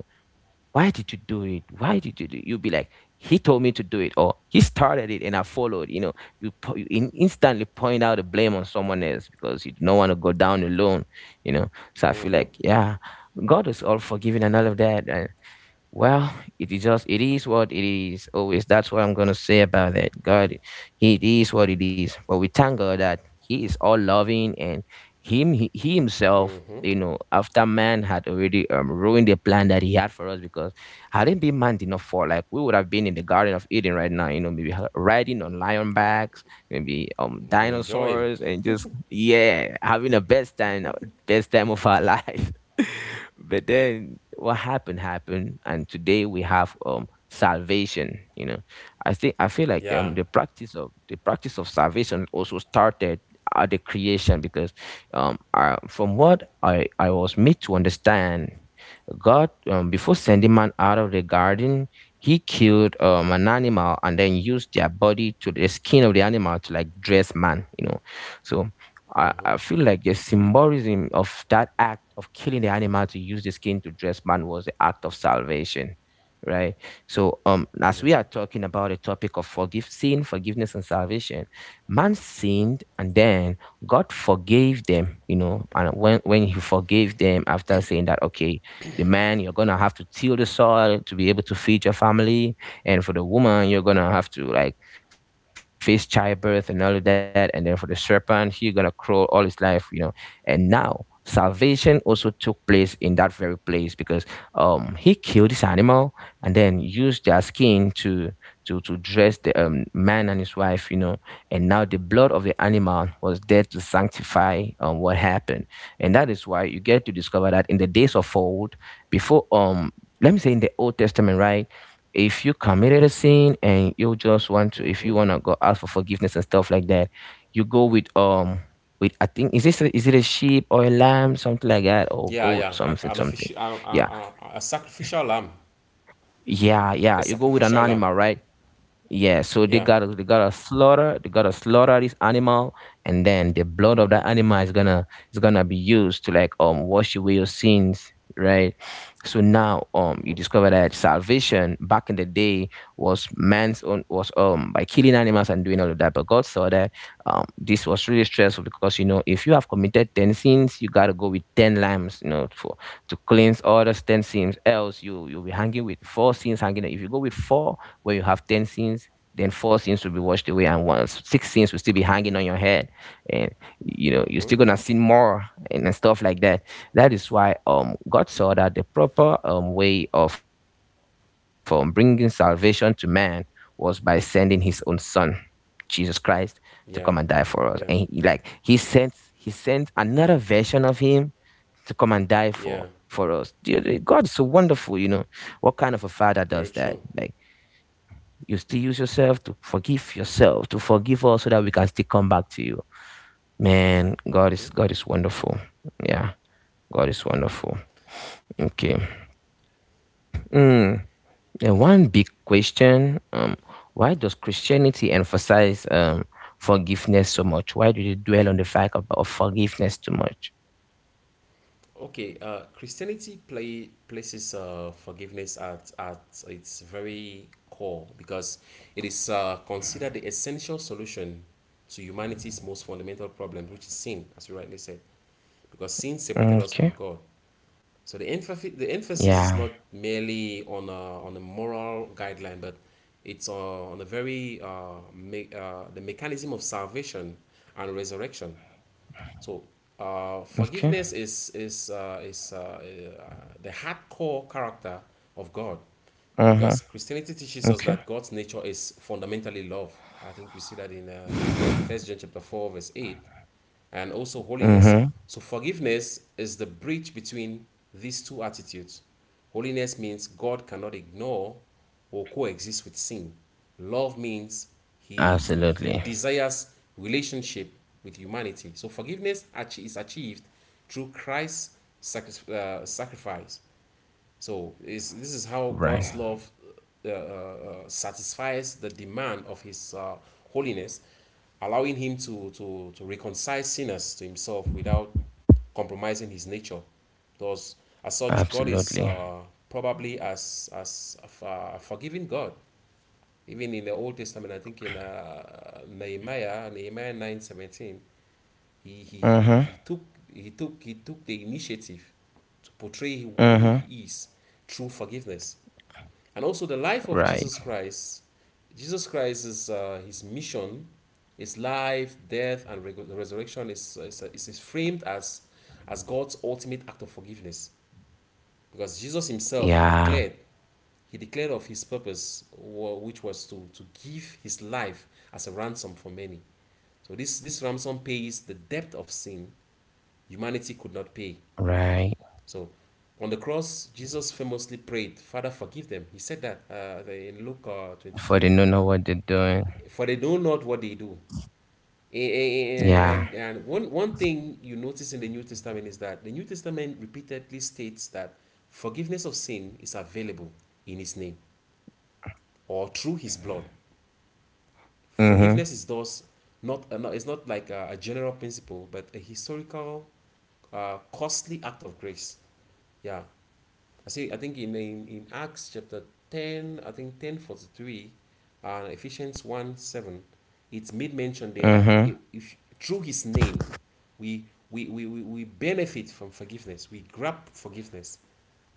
A: why did you do it? Why did you do it? You'll be like, he told me to do it, or he started it and I followed. You instantly point out the blame on someone else because you don't want to go down alone. So I feel
B: Mm-hmm.
A: like, yeah, God is all forgiving and all of that. Well, it is what it is. Always that's what I'm gonna say about that. God, it is what it is. But we thank God that He is all loving and Him he Himself. After man had already ruined the plan that he had for us, because had it been man did not fall, like we would have been in the Garden of Eden right now. Maybe riding on lion backs, maybe
B: And enjoying.
A: dinosaurs, and just yeah, having the best time of our life. But then what happened happened, and today we have salvation. I feel like
B: Yeah.
A: the practice of salvation also started at the creation because from what I was made to understand, God, before sending man out of the garden, he killed an animal and then used their body to the skin of the animal to like dress man. you know so I,
B: Mm-hmm.
A: I feel like the symbolism of that act of killing the animal to use the skin to dress man was the act of salvation, right? So, as we are talking about the topic of forgive sin, forgiveness, and salvation, man sinned, and then God forgave them. And when He forgave them, after saying that, okay, the man you're gonna have to till the soil to be able to feed your family, and for the woman you're gonna have to like face childbirth and all of that. And then for the serpent, he gonna crawl all his life. And now salvation also took place in that very place because he killed this animal and then used their skin to to dress the man and his wife. And now the blood of the animal was there to sanctify what happened. And that is why you get to discover that in the days of old, before let me say, in the Old Testament, right? If you committed a sin and you just want to if
B: Mm-hmm.
A: you want to go ask for forgiveness and stuff like that, you go with I think, is is it a sheep, or a lamb something like that, or
B: Yeah,
A: goat
B: yeah. Like
A: something
B: an
A: something.
B: official, a,
A: Yeah,
B: a, a a sacrificial lamb.
A: yeah,
B: A
A: yeah, you go with an
B: sacrificial lamb.
A: animal, right? Yeah, so they
B: Yeah,
A: gotta they gotta slaughter they gotta slaughter this animal, and then the blood of that animal is gonna be used to like wash away your sins, right? So now you discover that salvation back in the day was man's own, was by killing animals and doing all of that, but God saw that this was really stressful because if you have committed ten sins, you gotta go with ten lambs, for to cleanse all those ten sins. Else you'll be hanging with four sins hanging. If you go with four where you have 10 sins, then four sins will be washed away and one, six sins will still be hanging on your head. And, you're still going to sin more and stuff like that. That is why God saw that the proper way of bringing salvation to man was by sending his own son, Jesus Christ, to come and die for us. And
B: yeah,
A: he, like,
B: yeah,
A: he sent another version of him to come and die for
B: yeah.
A: us. Dear God is so wonderful. What kind of a father does
B: Very
A: that?
B: true.
A: Like, you still use yourself, to forgive us so that we can still come back to you. Man, God is wonderful. Yeah, God is wonderful. Okay. Mm. And one big question, why does Christianity emphasize forgiveness so much? Why do they dwell on the fact of forgiveness too much?
B: Okay. Christianity places forgiveness at its very core because it is considered the essential solution to humanity's most fundamental problem, which is sin, as you rightly said, because sin separated us from
A: Okay.
B: God. So the emphasis is
A: Yeah.
B: not merely on on a moral guideline, but it's on the very the mechanism of salvation and resurrection. So
A: Okay.
B: forgiveness is the hardcore character of God,
A: Uh-huh.
B: because Christianity teaches us
A: Okay.
B: that God's nature is fundamentally love. I think we see that in First John chapter four verse eight, and also holiness.
A: Mm-hmm.
B: So forgiveness is the bridge between these two attitudes. Holiness means God cannot ignore or coexist with sin. Love means he
A: Absolutely.
B: desires relationship with humanity. So forgiveness is achieved through Christ's sacrifice. So is how
A: Right.
B: God's love satisfies the demand of His holiness, allowing Him to reconcile sinners to Himself without compromising His nature. Thus, as such, God is
A: Absolutely.
B: probably as a forgiving God. Even in the Old Testament, I think in Nehemiah 9:17, he
A: Mm-hmm.
B: took he took the initiative to portray who
A: Mm-hmm.
B: he is through forgiveness. And also the life of
A: Right.
B: Jesus Christ, Jesus Christ is his mission, his life, death, and resurrection is framed as God's ultimate act of forgiveness. Because Jesus himself,
A: Yeah,
B: he declared of his purpose, which was to give his life as a ransom for many. So this ransom pays the depth of sin humanity could not pay.
A: right.
B: So on the cross, Jesus famously prayed, "Father, forgive them." He said that in Luke
A: For
B: 23,
A: they don't know what they're doing.
B: for they know not what they do. Eh, eh, eh,
A: Yeah.
B: And, and one thing you notice in the New Testament is that the New Testament repeatedly states that forgiveness of sin is available in his name or through his blood.
A: Mm-hmm.
B: Forgiveness is thus it's not like a general principle, but a historical, costly act of grace. Yeah. I see. I think in Acts chapter ten, I think 10:43, and Ephesians 1:7, it's made mention there that
A: Mm-hmm.
B: if through His name, we we benefit from forgiveness. We grab forgiveness.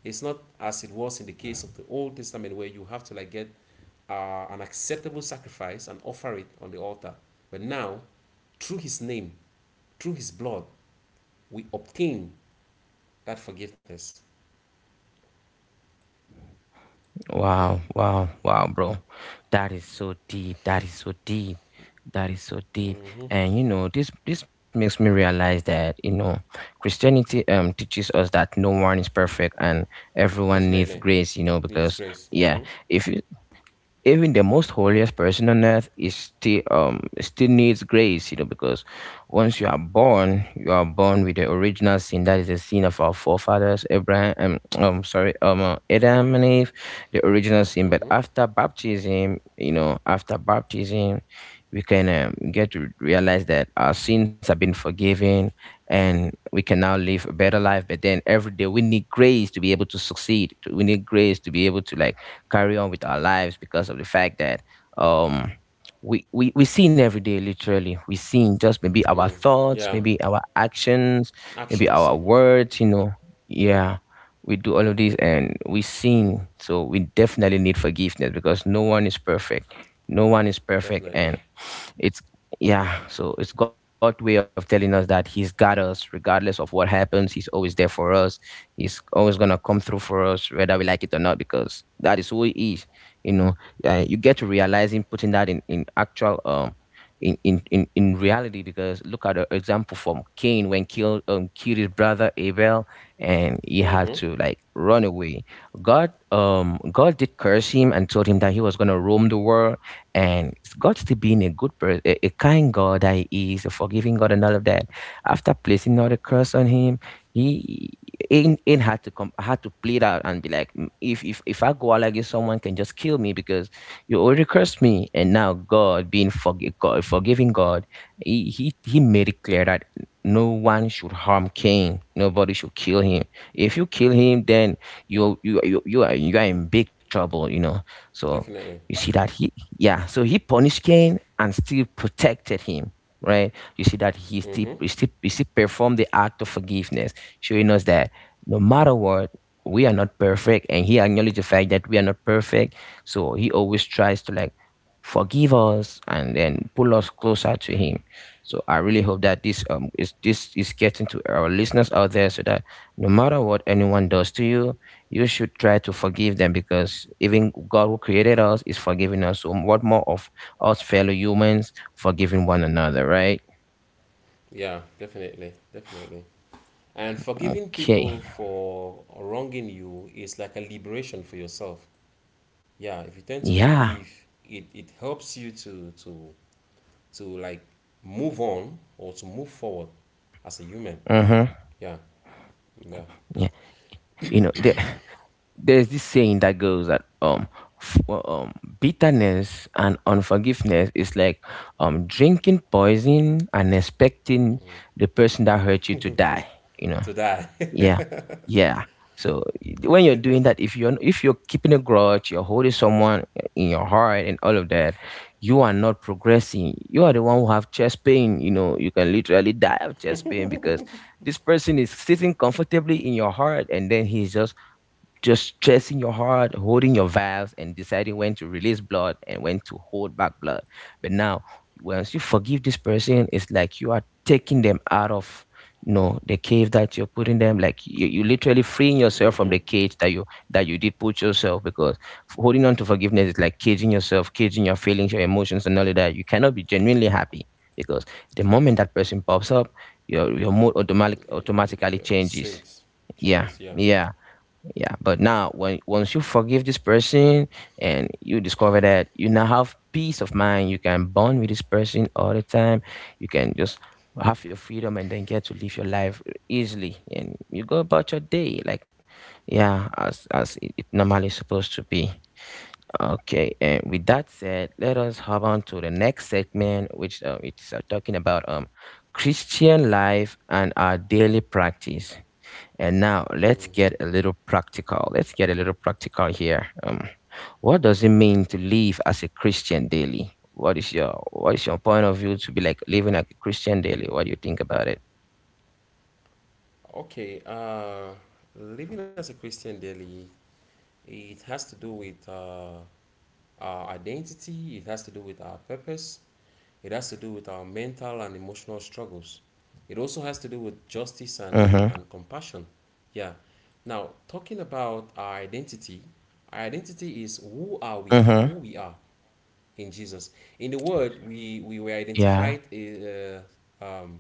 B: It's not as it was in the case of the Old Testament where you have to like get an acceptable sacrifice and offer it on the altar. But now, through His name, through His blood, we obtain that forgiveness. Yeah.
A: Wow. Wow. Wow, bro. That is so deep. That is so deep. That is so deep.
B: Hmm.
A: This makes me realize that, you know, Christianity teaches us that no one is perfect and everyone needs
B: Definitely.
A: grace,
B: Needs
A: because
B: grace. Hmm.
A: yeah, if you even the most holiest person on earth is still needs grace, because once you are born, you are born with the original sin, that is the sin of our forefathers Abraham, sorry, Adam and Eve, the original sin. But
B: Hmm.
A: after baptism we can get to realize that our sins have been forgiven, and we can now live a better life. But then every day we need grace to be able we need grace to be able to like carry on with our lives because of the fact that um we sin every day. Literally we sin, just maybe our
B: Mm.
A: thoughts,
B: Yeah.
A: maybe our actions, maybe
B: Actions.
A: our
B: Hmm.
A: words. Yeah, we do all of this and we sin, so we definitely need forgiveness because no one is perfect, no one is perfect,
B: Definitely.
A: and it's yeah, so it's God's way of telling us that he's got us, regardless of what happens he's always there for us. He's always gonna come through for us, whether we like it or not, because that is who he is. You know, you get to realize him putting that in actual in reality. Because look at the example from Cain, when killed killed his brother Abel, and he had
B: Hmm.
A: to like run away. God God did curse him and told him that he was gonna roam the world, and God still being a good person, a kind God that he is, a forgiving God and all of that, after placing all the curse on him, he in had to come had to play it out and be like, "Mm, if I go out like this someone can just kill me because you already cursed me." And now God being forgiving God, he made it clear that no one should harm Cain, nobody should kill him. If you kill him, then you are in big trouble. So
B: Definitely.
A: you see that he yeah, so he punished Cain and still protected him, right? You see that
B: Hmm.
A: he still performed the act of forgiveness, showing us that no matter what, we are not perfect, and he acknowledged the fact that we are not perfect. So he always tries to like forgive us and then pull us closer to him. So I really hope that this is getting to our listeners out there, so that no matter what anyone does to you, you should try to forgive them, because even God who created us is forgiving us. So what more of us fellow humans forgiving one another, right?
B: Yeah. Definitely. Definitely. And forgiving
A: Okay.
B: people for wronging you is like a liberation for yourself. Yeah. If you tend to
A: Yeah.
B: forgive, it helps you to like move on or to move forward as a human.
A: Mm-hmm.
B: Yeah. Yeah.
A: Yeah. You know, there's this saying that goes that, well, bitterness and unforgiveness is like drinking poison and expecting the person that hurt you to die
B: Just
A: you know
B: to die.
A: yeah. Yeah. So when you're doing that, if you're keeping a grudge, you're holding someone in your heart and all of that. You are not progressing. You are the one who have chest pain, you can literally die of chest pain, because this person is sitting comfortably in your heart and then he's just stressing your heart, holding your valves, and deciding when to release blood and when to hold back blood. But now, once you forgive this person, it's like you are taking them out of, the cave that you're putting them. Like, you literally freeing yourself from the
B: Hmm.
A: cage that you did put yourself. Because holding on to forgiveness is like caging yourself, caging your feelings, your emotions, and all of that. You cannot be genuinely happy because the moment that person pops up, your mood automatically
B: Yeah.
A: changes.
B: Swings.
A: Yeah,
B: Changes. Yeah.
A: yeah, yeah, but now when once you forgive this person, and you discover that you now have peace of mind, you can bond with this person all the time. You can just have your freedom and then get to live your life easily and you go about your day like, yeah, as it normally supposed to be. Okay, and with that said, let us hop on to the next segment, which it's, talking about Christian life and our daily practice. And now let's
B: Mm-hmm.
A: get a little practical. Let's get a little practical here. What does it mean to live as a Christian daily? What is your point of view to be like living like a Christian daily? What do you think about it?
B: Okay. Living as a Christian daily, it has to do with our identity, it has to do with our purpose, it has to do with our mental and emotional struggles. It also has to do with justice
A: Mm-hmm.
B: and compassion. Yeah. Now, talking about our identity is who are we, who
A: Mm-hmm.
B: we are in Jesus. In the world, we were
A: Yeah.
B: um,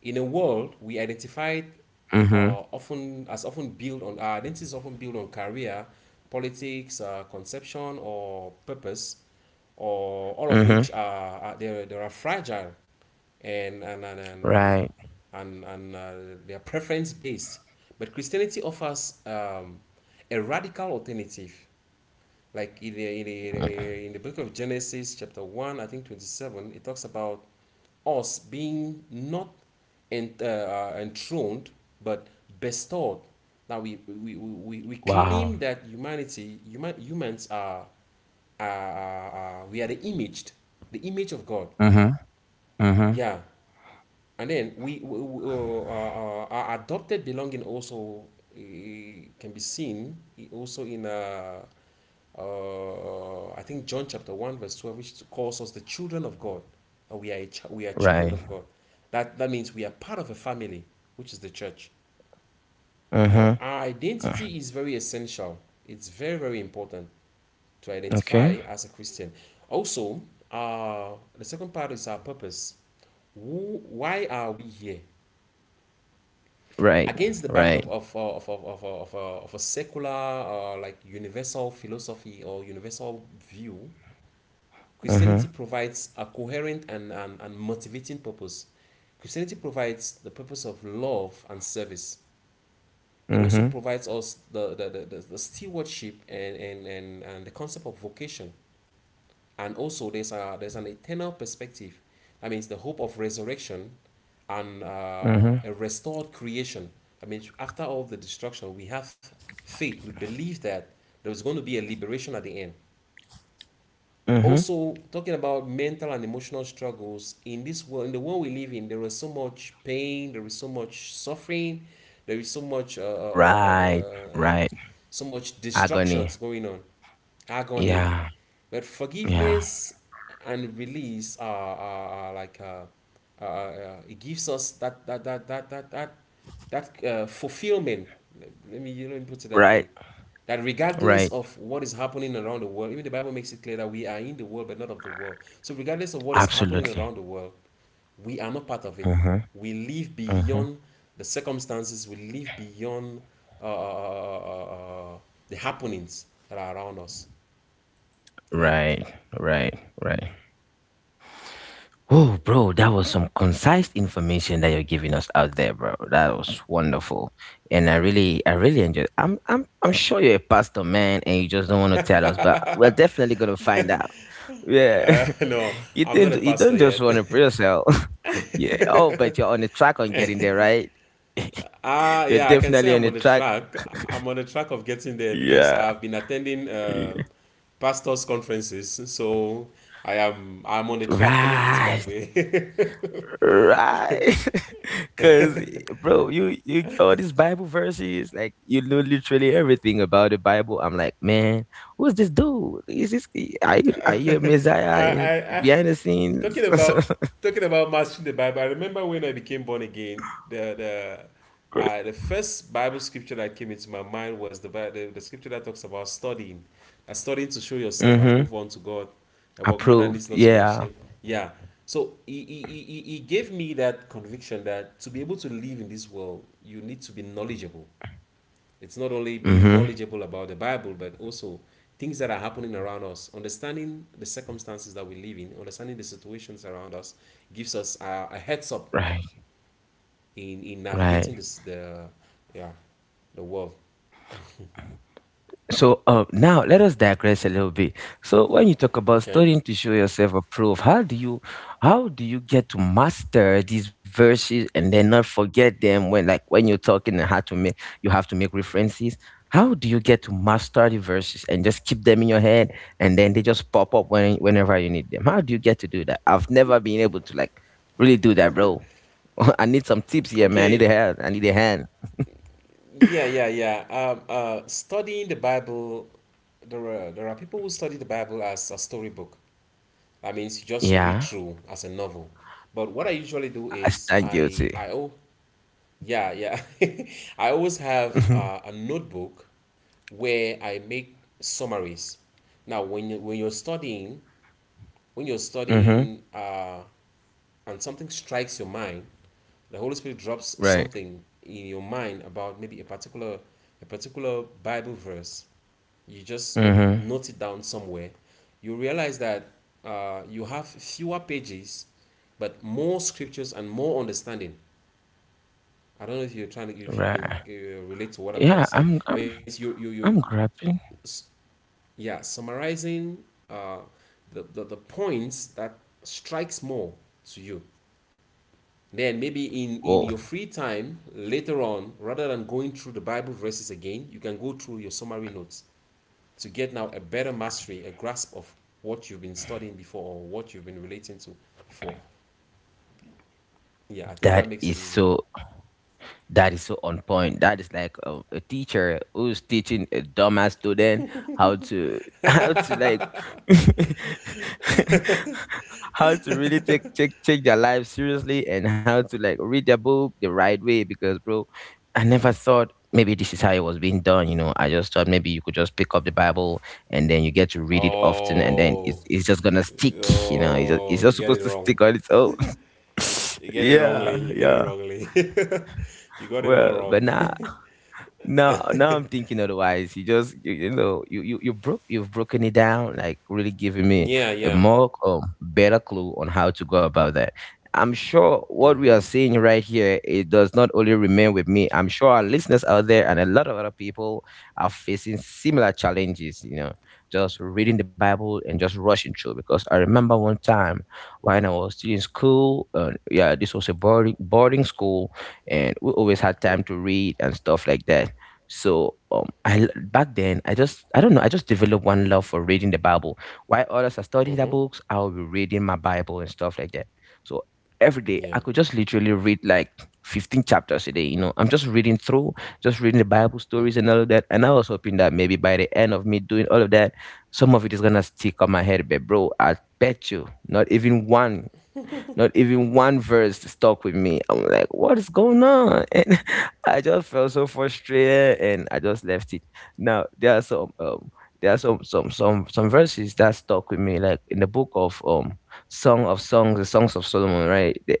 B: in a world, we identified
A: Mm-hmm.
B: often as our identity is often built on career, politics, conception, or purpose, or all of
A: Mm-hmm.
B: which are they are fragile and, and, and, and, and,
A: Right.
B: and they are preference based. But Christianity offers a radical alternative, like in in the book of Genesis, chapter 1, I think 27, it talks about us being not enthroned, but bestowed. Now we
A: Wow.
B: claim that humans we are the image of God.
A: Mm-hmm. Mm-hmm.
B: Yeah. And then we our adopted belonging also uh, can be seen also in I think John chapter one verse 12, which calls us the children of God. We are we are children
A: Right.
B: of God. That means we are part of a family, which is the church. Now
A: Mm-hmm.
B: our identity is very essential. It's very very important to
A: Okay.
B: identify as a Christian. Also, uh, the second part is our purpose. Why are we here?
A: Right.
B: Against the
A: Right.
B: backdrop of a secular like universal philosophy or universal view,
A: Mm-hmm.
B: Christianity provides a coherent and motivating purpose. Christianity provides the purpose of love and service. It also
A: Mm-hmm.
B: provides us the stewardship and the concept of vocation. And also, there's an eternal perspective. That means the hope of resurrection and
A: Mm-hmm.
B: a restored creation. I mean, after all the destruction, we have faith. We believe that there is going to be a liberation at the end.
A: Mm-hmm.
B: Also, talking about mental and emotional struggles in this world, in the world we live in, there is so much pain, there is so much suffering, there is so much
A: Right. Right.
B: so much
A: Agony.
B: destructions going on, agony.
A: Yeah.
B: But
A: Yeah.
B: forgiveness and release are like it gives us that fulfillment. Let me put it that
A: Right,
B: way. That regardless
A: right.
B: of what is happening around the world, even the Bible makes it clear that we are in the world but not of the world. So regardless of what is happening
A: Absolutely.
B: around the world, we are not part of it.
A: Mhm,
B: We live
A: mhm.
B: beyond the circumstances, we live beyond uh, uh, uh, the happenings that are around us. Yeah.
A: Right, right, right. Oh, bro, that was some concise information that you're giving us out there, bro. That was wonderful, and I really enjoyed. I'm sure you're a pastor, man, and you just don't want to tell us, but we're definitely gonna find out. Yeah,
B: No, I'm not a
A: you
B: pastor
A: don't just
B: yet.
A: want to pray yourself. Yeah. Oh, but you're on the track on getting there, right? You're
B: Yeah, I can say
A: definitely on
B: I'm
A: the
B: on the
A: track.
B: track. I'm on the track of getting there because
A: Yeah.
B: I've been attending
A: Yeah.
B: pastors' conferences. So I'm on the track. Let me put it that
A: Right.
B: way.
A: Right. Cause bro, you all these Bible verses, like you know literally everything about the Bible. I'm like, man, who's this dude? Is this are you a messiah in
B: I
A: behind the scenes?
B: talking about talking about mastering the Bible. I remember when I became born again. The first Bible scripture that came into my mind was the, Bi- the scripture that talks about studying, studying to show yourself
A: Mm-hmm.
B: approved unto God, a workman that
A: Approved.
B: needs not to be
A: Yeah.
B: ashamed. Yeah. So he gave me that conviction that to be able to live in this world, you need to be knowledgeable. It's not only being
A: Mm-hmm.
B: knowledgeable about the Bible, but also things that are happening around us. Understanding the circumstances that we live in, understanding the situations around us, gives us a heads up
A: Right.
B: in navigating
A: Right.
B: this the yeah the world.
A: So now let us digress a little bit. So when you talk about
B: Okay.
A: studying to show yourself approved, how do you get to master these verses and then not forget them when you're talking, and how to make you have to make references? How do you get to master the verses and just keep them in your head and then they just pop up when whenever you need them? How do you get to do that? I've never been able to like really do that, bro. I need some tips here, man. I need
B: Okay.
A: a hand. I need a hand.
B: Yeah, yeah, yeah. Studying the Bible, there are people who study the Bible as a storybook. That means you just read
A: Yeah,
B: through as a novel. But what I usually do
A: I
B: is
A: stand guilty.
B: Yeah, yeah. I always have
A: hmm
B: a notebook where I make summaries. Now, when you're
A: hmm
B: studying, and something strikes your mind, the Holy Spirit drops
A: Right.
B: something in your mind about maybe a particular Bible verse. You just maybe
A: Mm-hmm.
B: note it down somewhere. You realize that you have fewer pages, but more scriptures and more understanding. I don't know if you're trying to if you
A: Right.
B: can relate to what I'm trying
A: Yeah,
B: to say.
A: I'm
B: I mean,
A: I'm
B: it's
A: I'm grabbing.
B: s- yeah summarizing uh the the points that strikes more to you. Then maybe in
A: Well,
B: your free time later on, rather than going through the Bible verses again, you can go through your summary notes to get now a better mastery, a grasp of what you've been studying before or what you've been relating to before. Yeah, I think that
A: that
B: makes it
A: is
B: easy.
A: so that is so on point. That is like a teacher who's teaching a dumbass student how to how to like how to really take their life seriously and how to like read their book the right way. Because bro, I never thought maybe this is how it was being done. You know, I just thought maybe you could just pick up the Bible and then you get to read it often and then
B: Oh,
A: it's just gonna stick. You know, it's just, it's
B: oh, you
A: just
B: get
A: supposed
B: it
A: to
B: wrong.
A: stick on its own.
B: You get it
A: Yeah,
B: wrongly. You get
A: yeah.
B: it wrongly. You got it all
A: Well, but
B: wrong.
A: now I'm thinking otherwise. You just, you know, you've broken it down, like really giving me
B: Yeah,
A: a
B: yeah.
A: more better clue on how to go about that. I'm sure what we
B: Mm-hmm.
A: are seeing right here, it does not only remain with me. I'm sure our listeners out there and a lot of other people are facing similar challenges. You know, just reading the Bible and just rushing through. Because I remember one time when I was still in school, yeah, this was a boarding school, and we always had time
B: Mm-hmm.
A: to read and stuff like that. So back then I just I don't know, I just developed one love for reading the Bible. While others are studying their
B: Mm-hmm.
A: books, I will be reading my Bible and stuff like that. So every day I
B: Yeah.
A: could just literally read like 15 chapters a day. You know, I'm just reading through, just reading the Bible stories
B: Mm-hmm.
A: and all of that. And I was hoping that maybe by the end of me doing all of that, some of it is gonna stick on my head. But bro, I bet you, not even one verse stuck with me. I'm like, what is going on? And I just felt so frustrated, and I just left it. Now there are some there are some some verses that stuck with me, like in the book of Song of Songs, the Songs of Solomon, right?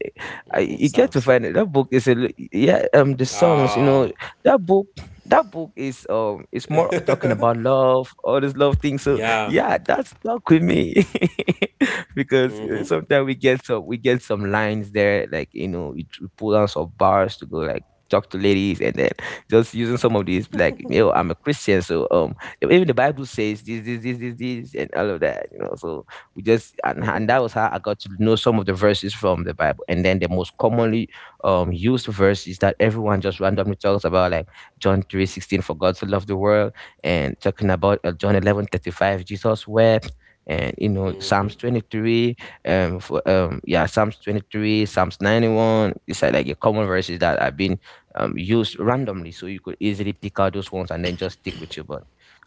A: I,
B: Mm-hmm.
A: you get to
B: Sounds.
A: find it. That book is yeah, the songs, you know,
B: Ah,
A: that book, that book is it's more talking about love, all this love thing. So
B: yeah.
A: yeah, that stuck with me. Because
B: Mm-hmm.
A: sometimes we get some lines there, like, you know, we, pull down some bars to go like talk to ladies, and then just using some of these, like, yo, I'm a Christian, so even the Bible says this, this, this, this, this, and all of that, you know. So we just and that was how I got to know some of the verses from the Bible, and then the most commonly used verses that everyone just randomly talks about, like John 3:16, for God to love the world, and talking about John 11:35, Jesus wept. And you know, psalms
B: Mm-hmm.
A: 23, for yeah, psalms 23, psalms 91. It's like a common verses that have been used randomly, so you could easily pick out those ones and then just stick with you. But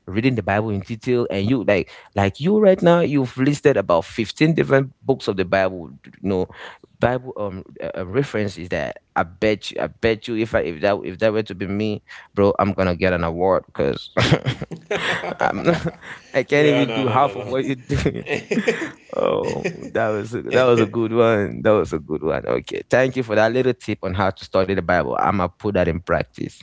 A: reading the Bible in detail, and you like you right now, you've listed about 15 different books of the Bible, you know, Bible, references that I bet you, if I, if that were to be me, bro, I'm gonna get an award. Because I'm I can't
B: No,
A: even do
B: no, no,
A: half
B: no,
A: of
B: no.
A: what you're doing. Oh, that was a good one. That was a good one. Okay, thank you for that little tip on how to study the Bible. I'ma put that in practice.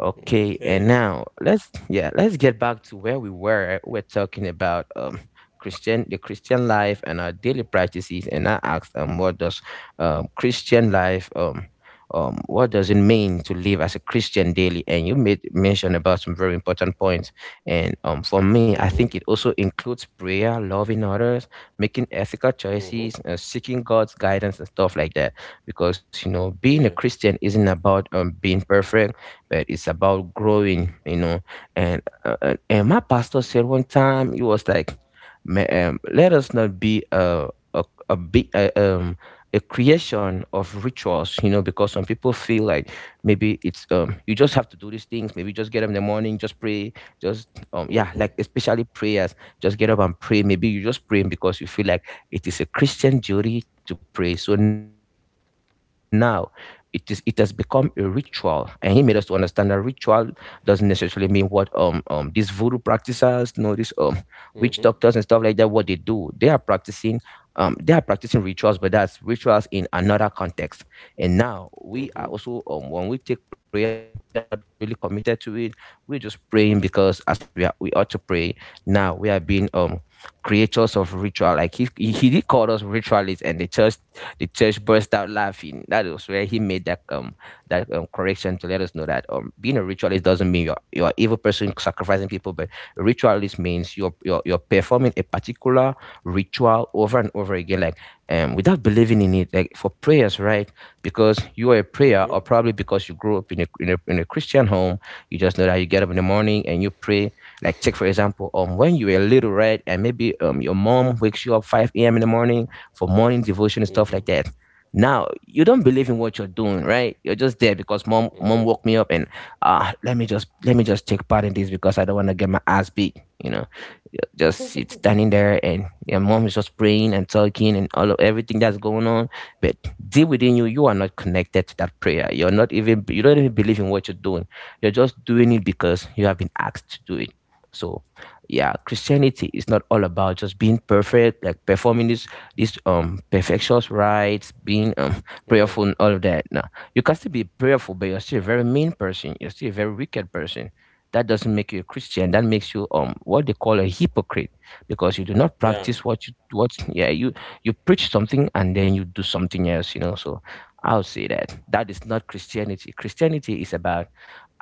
A: Okay, and
B: Okay.
A: now let's, yeah, let's get back to where we were. We're talking about Christian the Christian life and our daily practices, and I asked, what does Christian life what does it mean to live as a Christian daily? And you made mention about some very important points. And for me, I
B: Mm-hmm.
A: think it also includes prayer, loving others, making ethical
B: Mm-hmm.
A: choices, seeking God's guidance and stuff like that. Because, you know, being a
B: Yeah.
A: Christian isn't about being perfect, but it's about growing, you know. And my pastor said one time, he was like, Let us not be a a" a creation of rituals." You know, because some people feel like maybe it's, you just have to do these things, maybe just get up in the morning, just pray, just yeah,
B: Mm-hmm.
A: like especially prayers, just get up and pray. Maybe you just pray because you feel like it is a Christian duty to pray. So now it is, it has become a ritual. And he made us to understand that ritual doesn't necessarily mean what these voodoo practitioners, you know, these witch doctors and stuff like that, what they do. They are practicing rituals, but that's rituals in another context. And now we are
B: Mm-hmm.
A: also when we take prayer, like, we are not really committed to it. We're just praying because as Christians we are, we ought to pray. Now we are being creators of ritual. Like he did call us ritualists, and the church, the church burst out laughing. That was where he made that correction to let us know that, being a ritualist doesn't mean you're an evil person sacrificing people, but a ritualist means you're performing a particular ritual over and over again, like, without believing in it. Like for prayers, right? Because you are a prayer,
B: Mm-hmm.
A: or probably because you grew up in a, in a Christian home, you just know that you get up in the morning and you pray. Like take for example, when you were little, right, and maybe, your mom wakes you up five a.m. in the morning for morning devotion and stuff like that. Now you don't believe in what you're doing, right? You're just there because mom woke me up, and ah, let me just take part in this because I don't want to get my ass beat, you know. You just sit standing there, and your mom is just praying and talking and all of everything that's going on. But deep within you, you are not connected to that prayer. You don't even believe in what you're doing. You're just doing it because you have been asked to do it. So yeah, Christianity is not all about just being perfect, like performing this these perfectious rites, being
B: Yeah.
A: prayerful and all of that. Now you can still be prayerful, but you're still a very mean person. You're still a very wicked person. That doesn't make you a Christian. That makes you what they call a hypocrite, because you do not
B: Yeah.
A: practice what you what yeah you preach something and then you do something else, you know. So I'll say that that is not Christianity. Christianity is about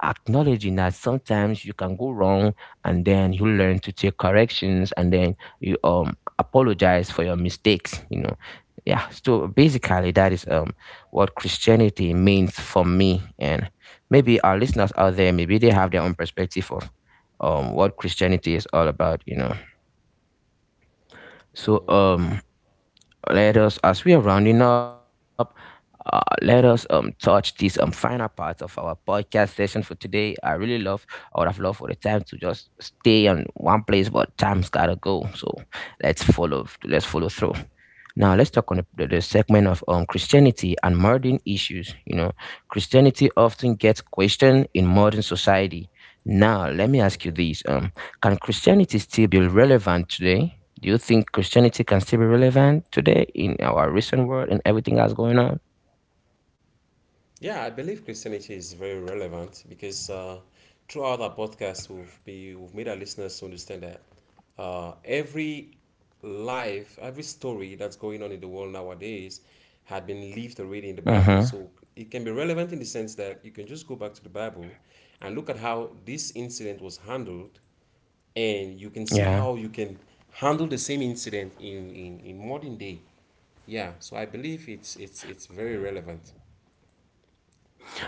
A: acknowledging that sometimes you can go wrong, and then you learn to take corrections, and then you apologize for your mistakes, you know. Yeah, so basically that is what Christianity means for me. And maybe our listeners out there, maybe they have their own perspective of what Christianity is all about, you know. So
B: Mm-hmm.
A: let us, as we are rounding up, let us touch these final parts of our podcast session for today. I really love, I would have loved for the time to just stay on one place, but time's gotta go. So let's follow through. Now let's talk on the segment of Christianity and modern issues. You know, Christianity often gets questioned in modern society. Now let me ask you
B: Mm-hmm.
A: this: can Christianity still be relevant today? Do you think Christianity can still be relevant today in our recent world and everything that's going on?
B: Yeah, I believe Christianity is very relevant because throughout our podcast, we've made our listeners to understand that every life, every story that's going on in the world nowadays had been lived already in the Bible.
A: Mm-hmm.
B: So it can be relevant in the sense that you can just go back to the Bible and look at how this incident was handled and you can see
A: Yeah.
B: how you can handle the same incident in modern day. Yeah, so I believe it's very relevant.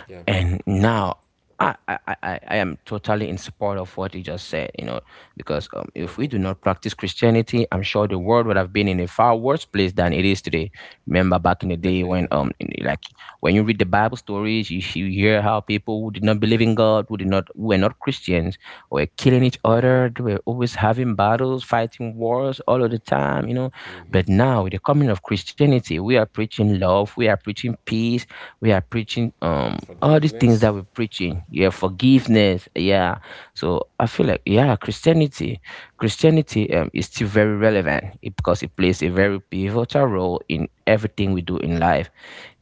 B: Yeah.
A: And now I am totally in support of what you just said, you know, because, if we
B: Hmm.
A: do not practice Christianity, I'm sure the world would have been in a far worse place than it is today. Remember back in the day when,
B: Definitely.
A: like when you read the Bible stories, you hear how people who did not believe in God, who did not, who were not Christians, were killing each
B: Hmm.
A: other. They were always having battles, fighting wars all of the time, you know. But
B: Hmm.
A: now, with the coming of Christianity, we are preaching love, we are preaching peace, we are preaching all these things
B: Forgiveness.
A: that we're preaching, yeah, forgiveness, yeah. So I feel like, yeah, Christianity, is still very relevant, it- because it plays a very pivotal role in everything we do in life.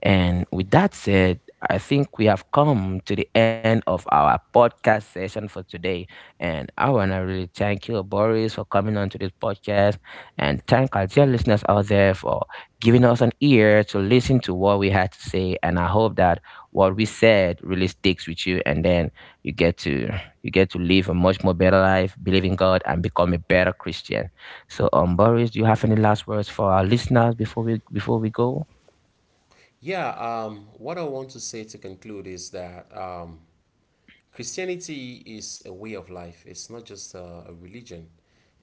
A: And with that said, I think we have come to the end of our podcast session for today. And I want to really thank you, Boris, for coming on to this podcast, and thank our dear listeners out there for giving us an ear to listen to what we had to say. And I hope that what we said really sticks with you, and then you get to you get to live a much more better life, believe in God and become a better Christian. So Boris, do you have any last words for our listeners before we go?
B: Yeah, what I want to say to conclude is that Christianity is a way of life. It's not just a religion.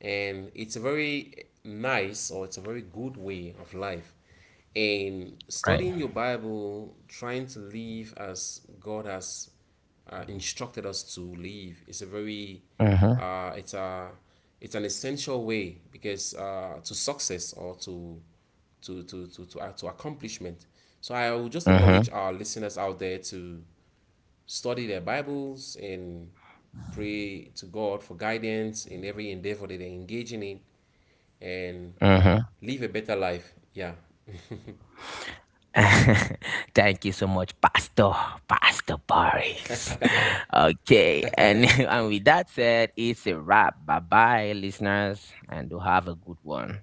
B: And it's a very nice or it's a very good way of life. And
A: Right.
B: studying your Bible, trying to live as God has instructed us to live, is a very,
A: Mm-hmm.
B: uh, it's a, it's an essential way because to success or to accomplishment. So I would just encourage
A: Mm-hmm.
B: our listeners out there to study their Bibles and pray to God for guidance in every endeavor that they're engaging in and
A: Mm-hmm.
B: live a better life. Yeah.
A: Thank you so much, Pastor Boris. Okay, and and with that said, it's a wrap. Bye bye, listeners, and do have a good one.